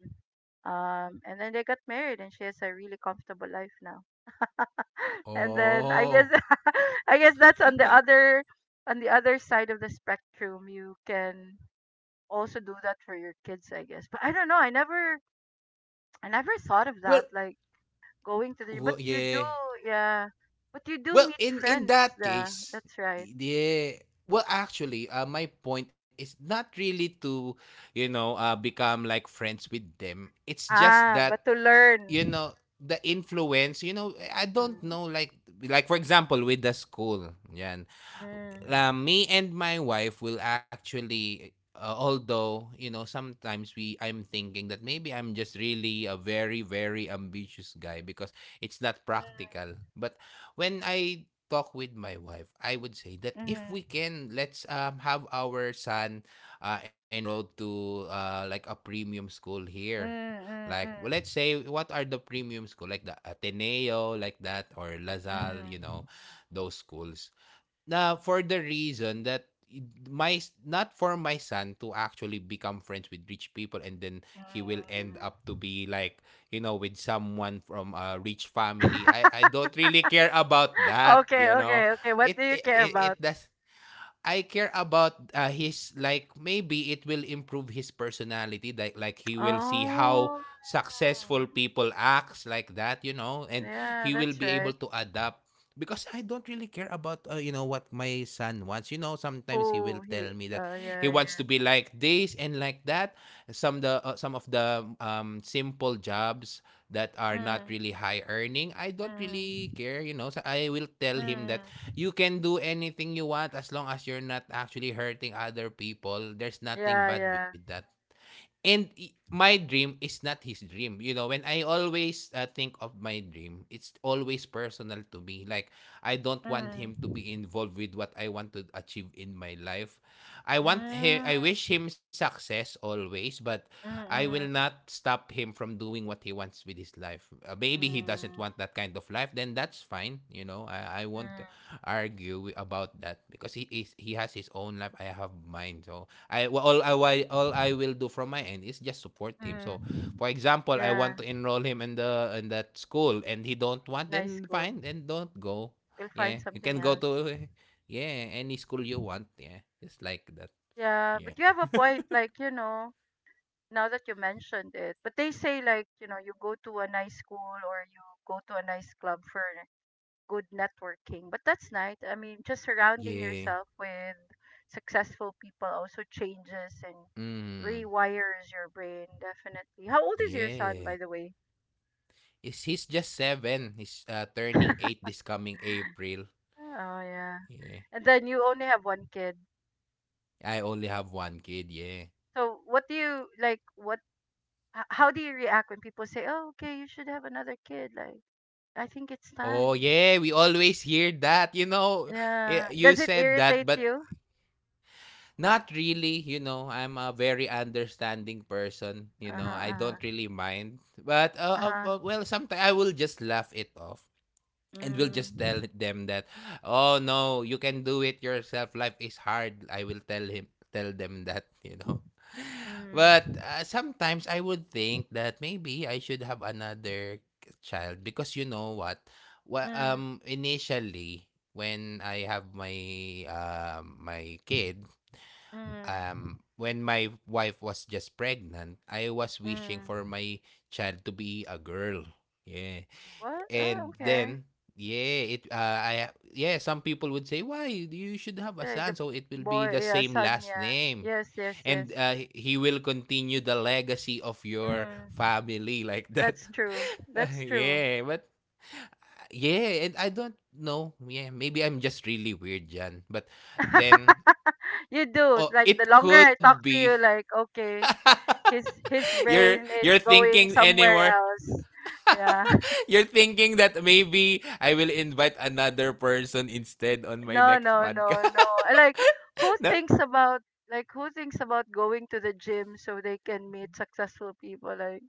um, and then they got married and she has a really comfortable life now. And then I guess Oh. I guess that's on the other on the other side of the spectrum. You can also do that for your kids, I guess. But I don't know. I never I never thought of Well that. Like going to the but well, you do, yeah. yeah. But you do Well, meet in in friends. that Yeah, case, that's right. yeah. Well, actually, uh, my point is not really to, you know, uh, become like friends with them. It's just Ah, but that, to learn. you know, the influence, you know, I don't Mm, know, like, like for example, with the school, yan. mm, uh, me and my wife will actually uh, although you know sometimes we I'm thinking that maybe I'm just really a very very ambitious guy, because it's not practical, but when I talk with my wife I would say that if mm, we can, let's, um, have our son uh, enrolled to uh, like a premium school mm, here, mm, mm, like, well, let's mm, say what are the premium school, like the Ateneo, like that, or lazal, mm, you know, those schools na, for the reason that my not for my son to actually become friends with rich people and then he will end up to mm. be like you know with someone from a rich family. I i don't really care about that, Okay, you know. okay, okay. What do it you it, care it it about? does. I care about uh, his, like maybe it will improve his personality, like like he will see Oh, how successful people acts like that, you know. And yeah, he will that's be able right. to adapt, because I don't really care about uh, you know what my son wants. You know, sometimes he will Cool. tell He, me that oh, yeah, he wants yeah. to be like this and like that, some the uh, some of the um simple jobs that are not Mm, really high earning, I don't mm, really care, you know. So I will tell him mm. that you can do anything you want as long as you're not actually hurting other people. There's Yeah, nothing bad yeah. with that. And i- my dream is not his dream. You know, when I always uh, think of my dream, it's always personal to me. Like, I don't want him to Mm, be involved with what I want to achieve in my life. I want him, mm, I wish him success always, but mm, I will mm, not stop him from doing what he wants with his life. Uh, maybe he doesn't mm, want that kind of life, then that's fine. You know, I, I won't mm, argue wi- about that, because he is he has his own life. I have mine. So I well, all I why all I will do from my end is just support him. So, mm. for example, I want Yeah, to enroll him in the in that school, and he don't want, nice then school. fine, then don't go. You'll find Yeah, you something can go else. to eh, yeah any school you want. Yeah, just like that. Yeah, but Yeah, you have a point, like, you know, now that you mentioned it. But they say, like, you know, you go to a nice school or you go to a nice club for good networking. But that's nice. I mean, just surrounding yeah, yourself with successful people also changes and mm, rewires your brain, definitely. How old is your yeah. son, by the way? Is he's just seven? He's uh, turning eight this coming April. Oh yeah. Yeah, And then you only have one kid. I only have one kid. Yeah. So what do you like what h- how do you react when people say, "Oh, okay, you should have another kid." Like, I think it's Oh time. yeah, we always hear that. You know, yeah, Yeah. you Does it said that, irritate but you? not really, you know. I'm a very understanding person, you Uh-huh. know. I Uh-huh. don't really mind. But uh, uh, Uh-huh. uh, well, sometimes I will just laugh it off and will just Mm. tell them that, "Oh no, you can do it yourself. Life is hard." I will tell him tell them that, you know. But Mm. uh, sometimes I would think that maybe I should have another child, because you know what? Well, Mm. um initially when I have my um my kid, Mm. um when my wife was just pregnant, I was wishing Mm. for my child to be a girl. Yeah. What? Uh, And okay. then yeah, it uh, I yeah, some people would say, "Why you should have a Uh, son the so it will be boy, the yeah, same son, last yeah. name." Yes, yes, And yes. uh, he he will continue the legacy of your Mm. family like that. That's true. That's true. Yeah, but yeah, and I don't know. Yeah, maybe I'm just really weird, Jan. But then, You do. It's oh, like the it longer I could talk to be you, like okay, his his you're brain you're is going thinking somewhere anymore. else. Yeah. You're thinking that maybe I will invite another person instead on my No, next no, no, podcast. no. I Like who Yeah. thinks about Like who thinks about going to the gym so they can meet successful people? Like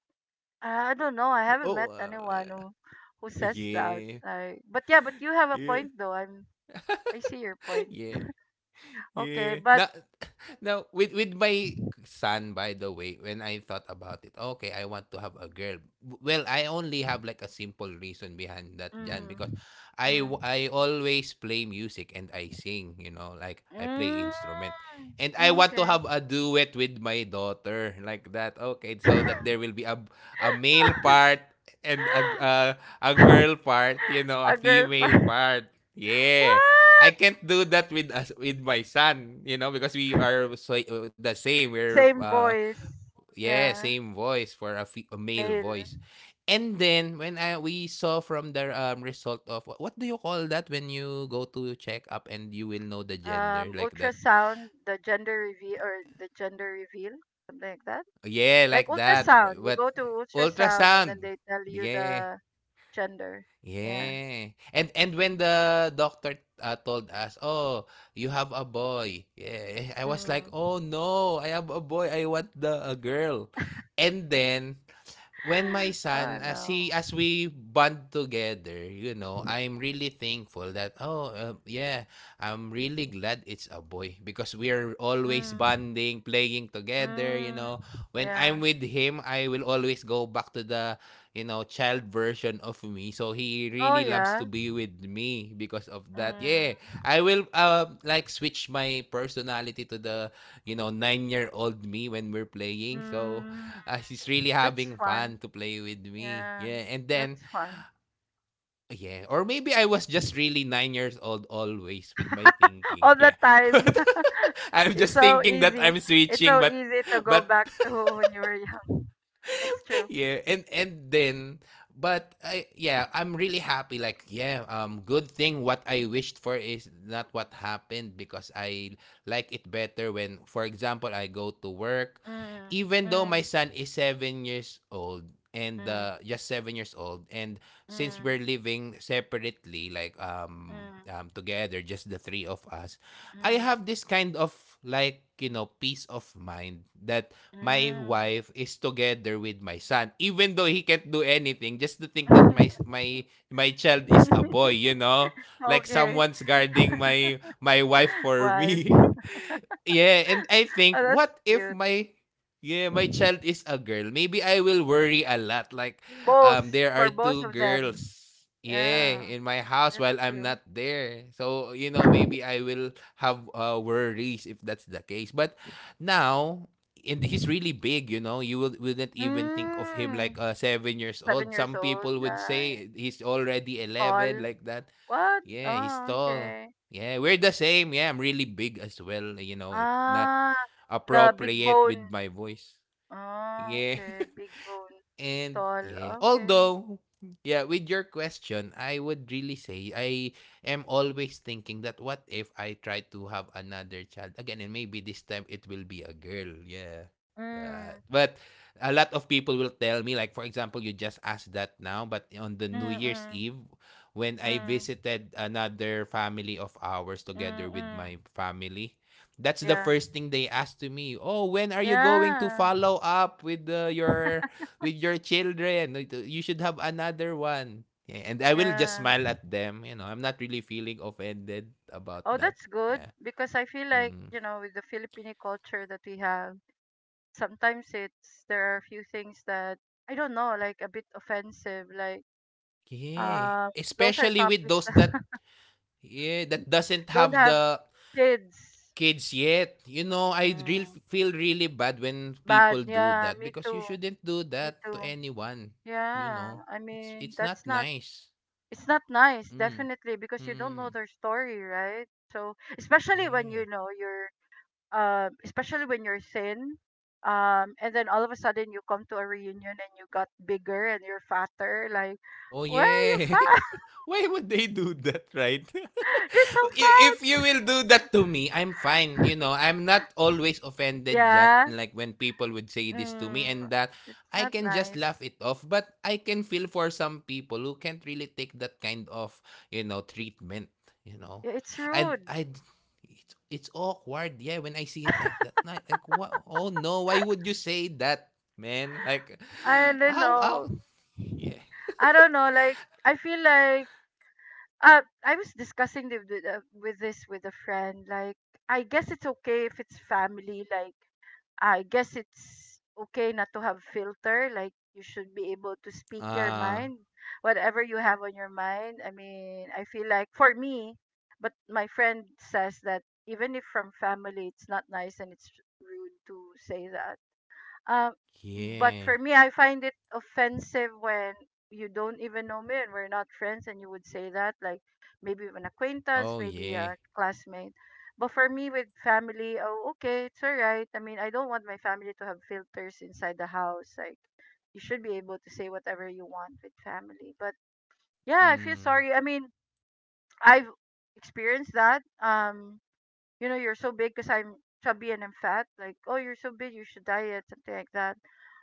I don't know. I haven't Oh, met uh, anyone who who says that. yeah. Like, but yeah, but you have a Yeah. point though. I'm I see your point. Yeah. Okay, Yeah. but Now, now with with my son, by the way, when I thought about it, okay, I want to have a girl. W- Well, I only have like a simple reason behind that, Jan, mm, because I mm, w- I always play music and I sing. You know, like I play mm, instrument, and I mm, want to okay. have a duet with my daughter, like that. Okay, so that there will be a a male part, and a g- a, a girl part. You know, a a girl pa- female part. Yeah. I what? can't do that with us with my son, you know, because we are so, the same. We're Same uh voice. yeah, Yeah, same voice for a, fe- a male male. voice. And then when I we saw from the um, result of wha- what do you call that when you go to check up and you will know the gender Um, like that? ultrasound, the gender reveal or the gender reveal, something like that. Yeah, Like like that. But ultrasound, you but go to ultrasound and then ultrasound. they tell you Yeah. the gender. Yeah. Yeah. And and when the doctor uh, told us, "Oh, you have a boy." Yeah. I was like, Mm. "Oh no, I have a boy. I want the a girl." And then when my Oh son, as no. he as we bond together, you know, I'm really thankful that, oh uh, yeah, I'm really glad it's a boy because we are always Mm. bonding, playing together. You Mm. know, when Yeah. I'm with him I will always go back to the you know child version of me, so he Oh really loves to yeah. be with me because of that, yeah. Mm. I will uh, like switch my personality to the you know nine year old me when we're playing, so Mm. uh, she's really That's having fun fun. to play with me. Yeah. Yeah, and then That's fun. yeah, or maybe I was just really nine years old, always with my thinking. All the Yeah, time. I'm It's just so thinking that easy. I'm It's switching, so but easy to but go back to when you were young. That's true. yeah and and then but I, yeah, I'm really happy, like yeah, um good thing what I wished for is not what happened, because I like it better when for example I go to work Mm. even though my Mm. son is seven years old, and Mm. uh, just seven years old, and since we're Mm. living separately, like, um, Mm. um together just the three of us, I have this kind of like you know peace of mind that my Mm. wife is together with my son, even though he can't do anything, just to think that my my my child is a Mm. boy, you know. Like okay. someone's guarding my my wife for Wife. me. Yeah, and I think, Oh, that's what if cute. my yeah, my child is a girl? Maybe I will worry a lot. Like, um, Both there are for both two of girls, them. yeah, Yeah, in my house that's while I'm true. not there. So, you know, maybe I will have uh worries if that's the case. But now, and he's really big, you know, you will, wouldn't even think of him Hmm, like uh seven years seven old. years Some old. people would Uh, say he's already eleven, all like that. what? Yeah, he's Oh, tall. okay. Yeah, we're the same. Yeah, I'm really big as well. You know, it's not Ah, the big appropriate bone. with my voice. Oh, Yeah. okay, big bone. And Tall. yeah, Okay. although yeah, with your question, I would really say I am always thinking that what if I try to have another child again and maybe this time it will be a girl. Yeah. Uh, Mm. But a lot of people will tell me, like for example, you just asked that now, but on the Mm. New Year's Mm. Eve when I Mm. visited another family of ours together Mm. with Mm. my family, that's the Yeah. first thing they asked to me. Oh, when are you going to Yeah. follow up with uh, your with your children? You should have another one. Yeah, and I will just Yeah. smile at them. You know, I'm not really feeling offended about Oh, that. that's good Yeah. because I feel like Mm. you know with the Filipino culture that we have sometimes it's there are a few things that I don't know, like a bit offensive. Like Yeah. um, those are Especially with topics those that that yeah that doesn't don't have have the kids. kids yet. You know, I real Mm, feel really bad when bad, people do yeah. that, Me because you too. shouldn't do Me that to too. anyone. You know, Yeah. I it's mean, it's not that's not. nice. It's not nice, Mm. definitely, because you don't know Mm. their story, right? So especially when Yeah. you know your um, especially when you're thin. Um, and then all of a sudden you come to a reunion and you got bigger and you're fatter. Like, Oh, why are you yeah. fat? Why would they do that, right? You're so I- If fat. you will do that to me, I'm fine. You know, I'm not always offended, Jan, Yeah. like when people would say this to me, Mm, and that I it's not can just laugh nice. it off. But I can feel for some people who can't really take that kind of, you know, treatment, you know. I- It's I rude. I it's, it's awkward, yeah, when I see it like that. Not like what oh no, why would you say that, man? Like I don't how know. how yeah. I don't know. Like, I feel like uh, I was discussing the, the, the- with this with a friend. Like, I guess it's okay if it's family. Like I guess it's okay not to have filter. Like you should be able to speak your Uh, mind, whatever you have on your mind. I mean, I feel like for me, but my friend says that even if from family, it's not nice and it's rude to say that. Um, but Yeah. for me, I find it offensive when you don't even know me and we're not friends, and you would say that, like maybe an acquaintance, Oh, maybe yeah. a classmate. But for me, with family, oh, okay, it's all right. I mean, I don't want my family to have filters inside the house. Like, you should be able to say whatever you want with family. But yeah, I feel Mm. sorry. I mean, I've experienced that. Um, you know, you're so big because I'm chubby and I'm fat. Like, oh, you're so big, you should diet, something like that.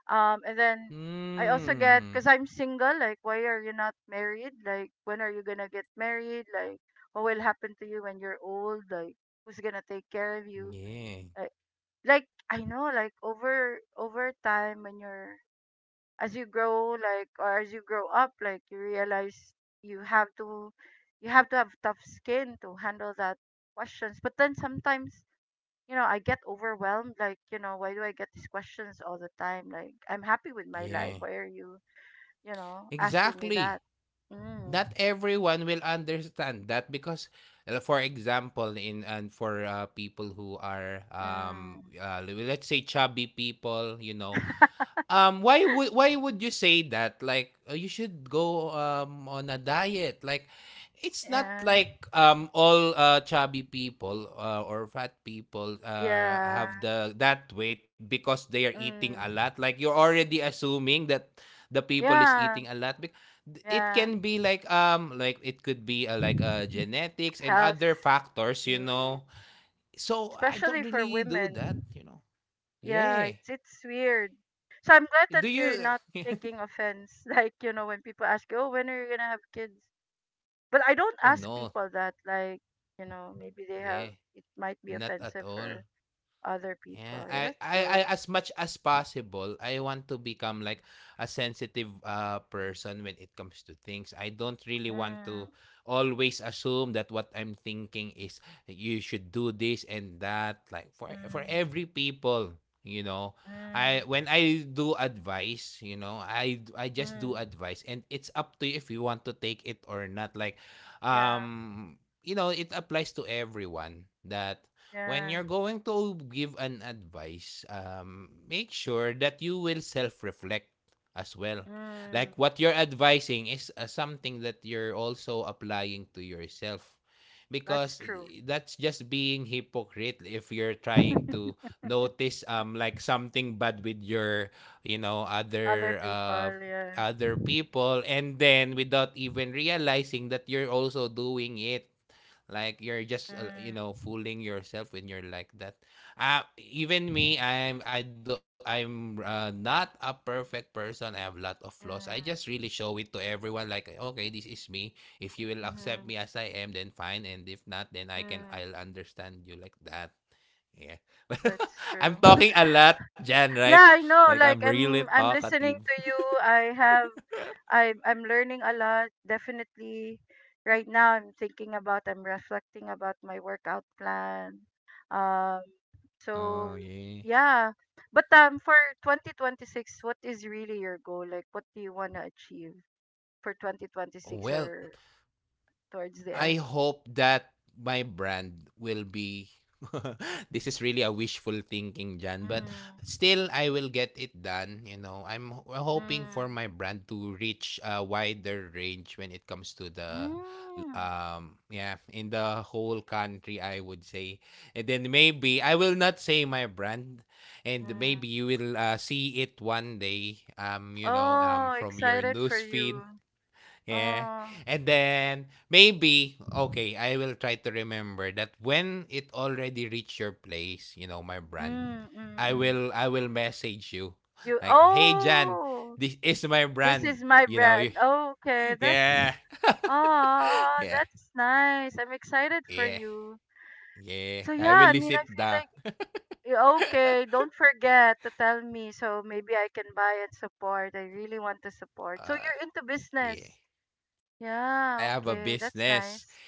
Um, and then I also get Hmm. because I'm single. Like, why are you not married? Like, when are you gonna get married? Like, what will happen to you when you're old? Like, who's gonna take care of you? Yeah. Like, like I know, like over over time when you're as you grow, like or as you grow up, like you realize you have to you have to have tough skin to handle that questions. But then sometimes you know, I get overwhelmed. Like, you know, why do I get these questions all the time? Like, I'm happy with my life. Yeah. Why are you, you know, asking me that? Exactly. Mm. Not everyone will understand that because, uh, for example, in and for uh, people who are Mm. um uh, le- let's say chubby people, you know. Um, why would why would you say that? Like uh, you should go um on a diet. Like it's not Yeah. like um all uh, chubby people uh, or fat people uh, Yeah. have the that weight because they are eating Mm. a lot. Like you're already assuming that the people is Yeah. eating a lot. Bec- It Yeah. can be like um like it could be uh, like uh genetics and Health. other factors, you Mm. know. So I don't Especially for really do that, women. you know. Yeah, Yeah. it's it's weird. So I'm glad that Do you're you? not taking offense. Like, you know, when people ask you, oh, when are you gonna have kids? But I don't Oh ask no, people that like you know maybe they have yeah, it might be not at offensive all. for other people. Yeah, Yeah, I, that's I, I, good. as much as possible, I want to become like a sensitive uh, person when it comes to things. I don't really want Mm, to always assume that what I'm thinking is you should do this and that. Like for for mm, every people, you know, I mm, when I do advice, you know, I I just mm. do advice, and it's up to you if you want to take it or not. Like, Yeah, um, you know, it applies to everyone that when yeah. you're going to give an advice, um, make sure that you will self reflect as well. Mm, Like what you're advising is uh, something that you're also applying to yourself. that's Because true. eh, that's just being hypocrite if you're trying to notice um like something bad with your, you know, Other other uh people, yeah. other people, and then without even realizing that you're also doing it, like you're just uh, you Mm, know, fooling yourself when you're like that. Uh, even me, I'm I do, I'm uh, not a perfect person. I have a lot of flaws. I just mm, really show it to everyone. Like okay, this is me. If you will accept me mm, as I am, then fine. And if not, then I can mm. I'll understand you like that. Yeah, That's I'm true. talking a lot, Jan. Right? yeah, I Like know. I'm Like really I'm, I'm talkative. listening to you. I have I'm I'm learning a lot. Definitely, right now I'm thinking about I'm reflecting about my workout plan. Um, so Oh yeah. yeah, but um, for twenty twenty-six, what is really your goal? Like, what do you want to achieve for twenty twenty-six Well, or towards the I end? hope that my brand will be this is really a wishful thinking, Jan, but Mm, still I will get it done. You know, I'm ho- hoping for mm, my brand to reach a wider range when it comes to the mm, um yeah, in the whole country I would say. And then maybe I will not say my brand, and mm. maybe you will uh, see it one day um you know um Oh, from your excited for news you. feed. Yeah. Oh, And then maybe okay, I will try to remember that when it already reach your place, you know, my brand, mm, mm, I mm. will I will message you. You. Like, "Hey Jan, Oh. this is my This is brand." my You know, brand. you, Oh, okay, that's yeah. oh, Yeah. that's nice. I'm excited for Yeah. you. So Yeah. yeah, I I will mean, I visit feel like the y- okay, don't forget to tell me so maybe I can buy and support. I really want to support. So uh you're into yeah. business. Eh, I Yeah, have a okay, that's business. nice.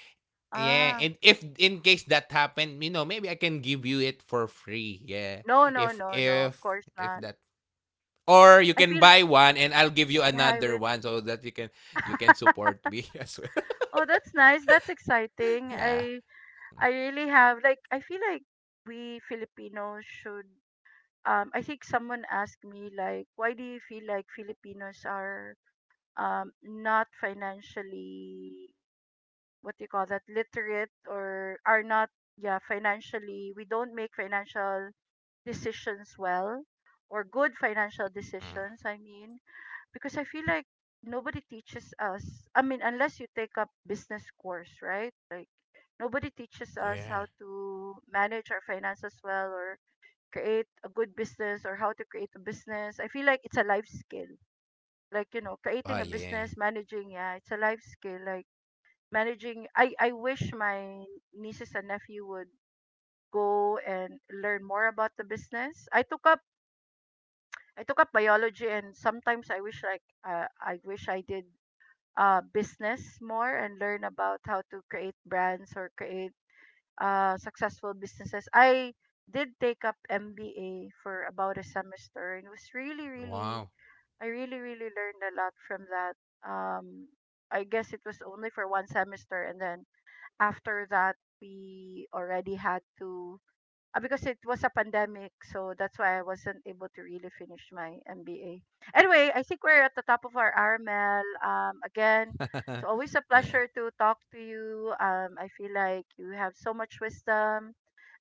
Yeah, Ah, and if in case that happened, you know, maybe I can give you it for free. Yeah. no, no, If no, no, if of course if not. that Or you I can feel buy one and I'll give you yeah, I another would. one so that you can you can support me as well. Oh, that's nice. That's exciting. Yeah. I I really have like I feel like we Filipinos should, um, I think someone asked me like, why do you feel like Filipinos are um, not financially, what do you call that, literate or are not, yeah, financially we don't make financial decisions well or good financial Mm. decisions I mean because I feel like nobody teaches us, I mean unless you take up business course, right? Like nobody teaches us how Yeah. to manage our finances well or create a good business or how to create a business. I feel like it's a life skill. Like, you know, creating a Oh business, yeah. managing, yeah, it's a life skill. Like managing I, I wish my nieces and nephew would go and learn more about the business. I took up I took up biology and sometimes I wish like uh, I wish I did uh business more and learn about how to create brands or create uh, successful businesses. I did take up M B A for about a semester and it was really, really, Wow. I really, really learned a lot from that. Um, I guess it was only for one semester. And then after that, we already had to, uh, because it was a pandemic, so that's why I wasn't able to really finish my M B A. Anyway, I think we're at the top of our hour, Mel. Um, again, it's always a pleasure Yeah. to talk to you. Um, I feel like you have so much wisdom.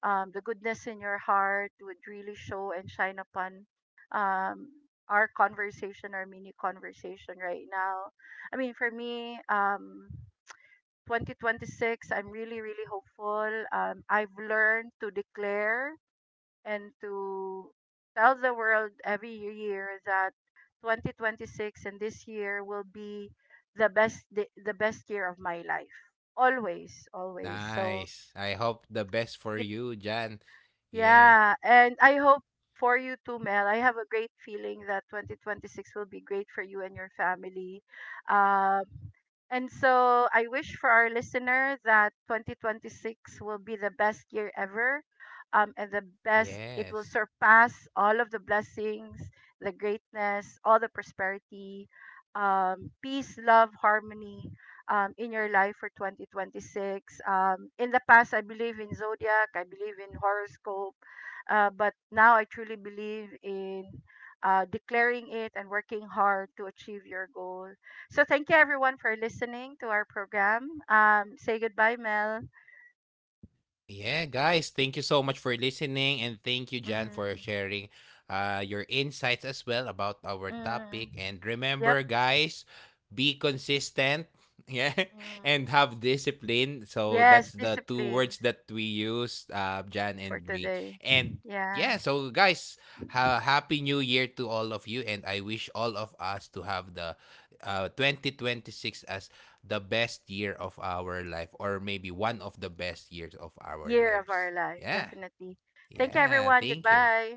Um, the goodness in your heart would really show and shine upon, um, our conversation, our mini conversation right now. I mean, for me, um, twenty twenty-six, I'm really, really hopeful. Um, I've learned to declare and to tell the world every year that twenty twenty-six and this year will be the best the, the best year of my life, always, always so Nice. I hope the best it for you, Jan. Yeah. yeah, and I hope for you too, Mel. I have a great feeling that twenty twenty-six will be great for you and your family. Um, and so I wish for our listener that twenty twenty-six will be the best year ever. Um, and the best, it will Yes. surpass all of the blessings, the greatness, all the prosperity, um, peace, love, harmony, um, in your life for twenty twenty-six. Um, in the past, I believe in zodiac, I believe in horoscope, uh, but now I truly believe in, uh, declaring it and working hard to achieve your goal. So, thank you everyone for listening to our program. Um, say goodbye, Mel. Yeah, guys, thank you so much for listening, and thank you, Jan, for Mm, sharing uh, your insights as well about our mm, topic. And yep. remember, guys, be consistent. Yeah, Mm. and have discipline. So Yes, that's the two discipline words that we use, uh, Jan for and me. today. And Yeah, yeah, so guys, ha- happy new year to all of you. And I wish all of us to have the uh, twenty twenty-six as the best year of our life, or maybe one of the best years of our year of lives. our life, Yeah. definitely. Thank you, Yeah. everyone. Thank you. Goodbye.